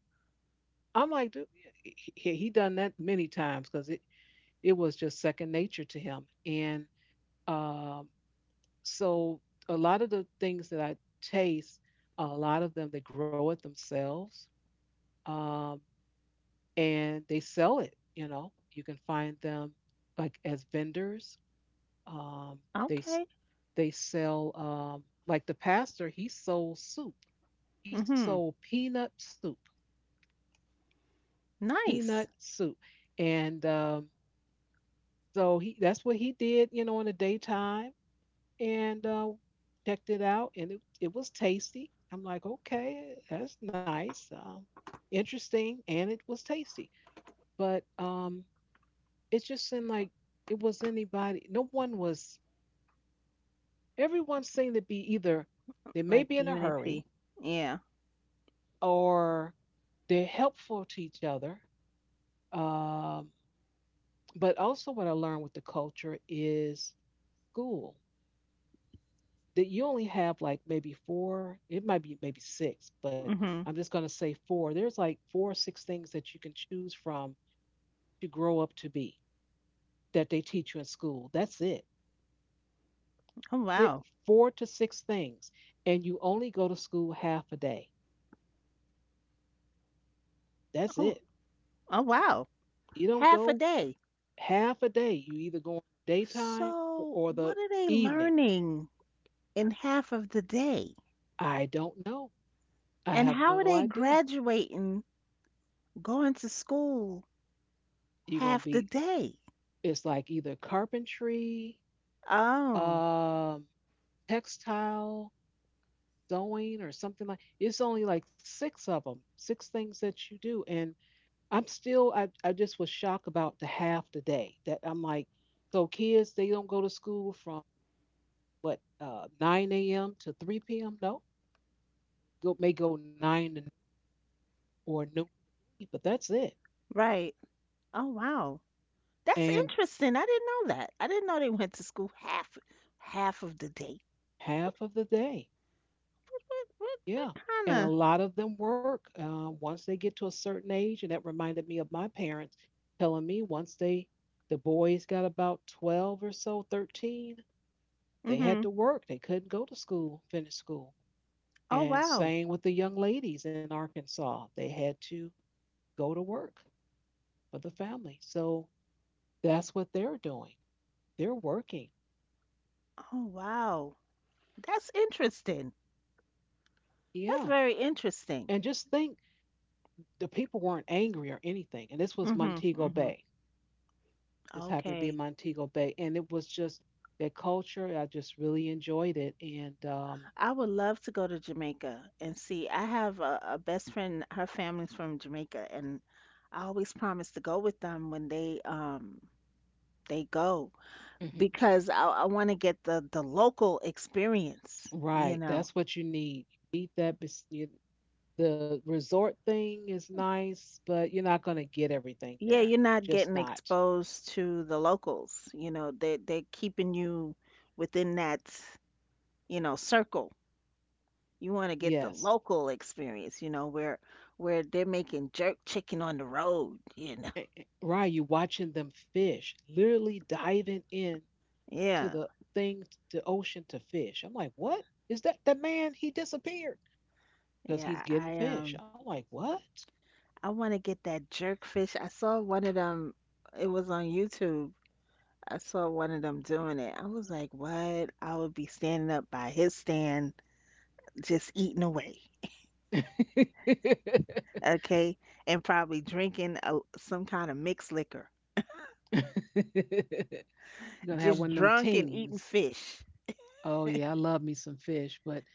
[SPEAKER 1] I'm like, dude, he done that many times because it was just second nature to him. And um, so a lot of the things that I taste, a lot of them, they grow it themselves, um, and they sell it. You know, you can find them like as vendors. Um, they s-
[SPEAKER 2] Okay.
[SPEAKER 1] they sell, like the pastor. He sold soup. He sold
[SPEAKER 2] Mm-hmm.
[SPEAKER 1] peanut soup.
[SPEAKER 2] Nice.
[SPEAKER 1] Peanut soup, and so he that's what he did. You know, in the daytime. And checked it out, and it was tasty. I'm like, okay, that's nice, interesting, and it was tasty. But it just seemed like it was anybody. No one was. Everyone seemed to be either they may be
[SPEAKER 2] Like
[SPEAKER 1] in a
[SPEAKER 2] Unity.
[SPEAKER 1] hurry
[SPEAKER 2] Yeah.
[SPEAKER 1] or they're helpful to each other. Um, but also, what I learned with the culture is school. That you only have like maybe four, it might be maybe six, but I'm
[SPEAKER 2] Mm-hmm.
[SPEAKER 1] just going to say four. There's like four or six things that you can choose from to grow up to be, that they teach you in school. That's it.
[SPEAKER 2] Oh
[SPEAKER 1] Six,
[SPEAKER 2] wow.
[SPEAKER 1] four to six things. And you only go to school half a day. That's it.
[SPEAKER 2] Oh, oh wow.
[SPEAKER 1] You don't
[SPEAKER 2] Half a
[SPEAKER 1] go
[SPEAKER 2] day.
[SPEAKER 1] half a day. You either go in the daytime or,
[SPEAKER 2] So,
[SPEAKER 1] or
[SPEAKER 2] what
[SPEAKER 1] the
[SPEAKER 2] are they
[SPEAKER 1] evening.
[SPEAKER 2] learning in half of the day?
[SPEAKER 1] I don't know. I
[SPEAKER 2] And
[SPEAKER 1] have no
[SPEAKER 2] how are they
[SPEAKER 1] idea.
[SPEAKER 2] graduating going to school
[SPEAKER 1] You're going to
[SPEAKER 2] half the
[SPEAKER 1] be,
[SPEAKER 2] day?
[SPEAKER 1] it's like either carpentry,
[SPEAKER 2] Oh,
[SPEAKER 1] um, textile, sewing, or something. Like it's only like six of them, six things that you do. And I just was shocked about the half the day that I'm like, so kids, they don't go to school from, what, 9 a.m. to 3 p.m.? No, go, may go 9 or noon, but that's it.
[SPEAKER 2] right. Oh, wow. That's
[SPEAKER 1] And
[SPEAKER 2] interesting. I didn't know that. I didn't know they went to school half of the day.
[SPEAKER 1] half of the day,
[SPEAKER 2] What
[SPEAKER 1] yeah. And a
[SPEAKER 2] kind
[SPEAKER 1] lot of them work, once they get to a certain age, and that reminded me of my parents telling me, once the boys got about 12 or so 13,
[SPEAKER 2] of?
[SPEAKER 1] they had
[SPEAKER 2] Mm-hmm.
[SPEAKER 1] to work. They couldn't go to school, finish school.
[SPEAKER 2] Oh,
[SPEAKER 1] And
[SPEAKER 2] wow.
[SPEAKER 1] same with the young ladies in Arkansas. They had to go to work for the family. So that's what they're doing. They're working.
[SPEAKER 2] Oh, wow. That's interesting. That's
[SPEAKER 1] Yeah.
[SPEAKER 2] very
[SPEAKER 1] And
[SPEAKER 2] interesting.
[SPEAKER 1] just think, the people weren't angry or anything. And this was
[SPEAKER 2] Mm-hmm.
[SPEAKER 1] Montego
[SPEAKER 2] Mm-hmm.
[SPEAKER 1] Bay. This happened to be
[SPEAKER 2] Okay.
[SPEAKER 1] Montego Bay. And it was just that culture. I just really enjoyed it. And
[SPEAKER 2] I would love to go to Jamaica and see. I have a best friend, her family's from Jamaica, and I always promise to go with them when they go
[SPEAKER 1] Mhm.
[SPEAKER 2] because I want to get the local experience, you
[SPEAKER 1] Right,
[SPEAKER 2] know.
[SPEAKER 1] that's what you need. You need that. you- The resort thing is nice, but you're not going to get everything
[SPEAKER 2] Yeah,
[SPEAKER 1] there.
[SPEAKER 2] you're
[SPEAKER 1] You're
[SPEAKER 2] not
[SPEAKER 1] just
[SPEAKER 2] getting
[SPEAKER 1] not.
[SPEAKER 2] exposed to the locals, you know. They they're keeping you within that, you know, circle. You want to get the
[SPEAKER 1] Yes.
[SPEAKER 2] local experience, you know, where they're making jerk chicken on the road, you know.
[SPEAKER 1] Right. You're watching them fish, literally diving in to
[SPEAKER 2] Yeah,
[SPEAKER 1] the thing, the ocean, to fish. I'm like, what? Is that the man? He disappeared because he's
[SPEAKER 2] Yeah,
[SPEAKER 1] getting fish. I'm like, what?
[SPEAKER 2] I want to get that jerk fish. I saw one of them. It was on YouTube. I saw one of them doing it. I was like, "What?" I would be standing up by his stand, just eating away.
[SPEAKER 1] *laughs*
[SPEAKER 2] Okay, and probably drinking a, some kind of mixed liquor.
[SPEAKER 1] You're gonna have
[SPEAKER 2] Just
[SPEAKER 1] one of them
[SPEAKER 2] drunk and eating
[SPEAKER 1] teams.
[SPEAKER 2] fish.
[SPEAKER 1] Oh yeah, I love me some fish. But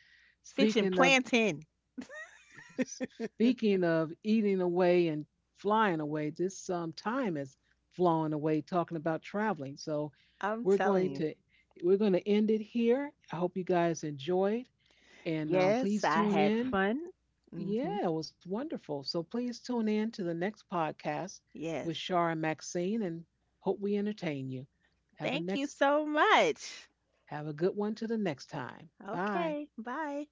[SPEAKER 2] Fish and
[SPEAKER 1] speaking of
[SPEAKER 2] plantain.
[SPEAKER 1] speaking of eating away and flying away, this time is flown away talking about traveling. So
[SPEAKER 2] I'm
[SPEAKER 1] we're going
[SPEAKER 2] telling you. Mhm.
[SPEAKER 1] to we're going to end it here. I hope you guys enjoyed, and
[SPEAKER 2] Yes,
[SPEAKER 1] please
[SPEAKER 2] I
[SPEAKER 1] tune
[SPEAKER 2] had
[SPEAKER 1] in.
[SPEAKER 2] fun. Mhm.
[SPEAKER 1] Yeah, it was wonderful. So please tune in to the next podcast
[SPEAKER 2] Yes.
[SPEAKER 1] with Shar and Maxine, and hope we entertain you. Have a
[SPEAKER 2] Thank you
[SPEAKER 1] next
[SPEAKER 2] so much.
[SPEAKER 1] have a good one to the next time. Bye.
[SPEAKER 2] Okay, bye.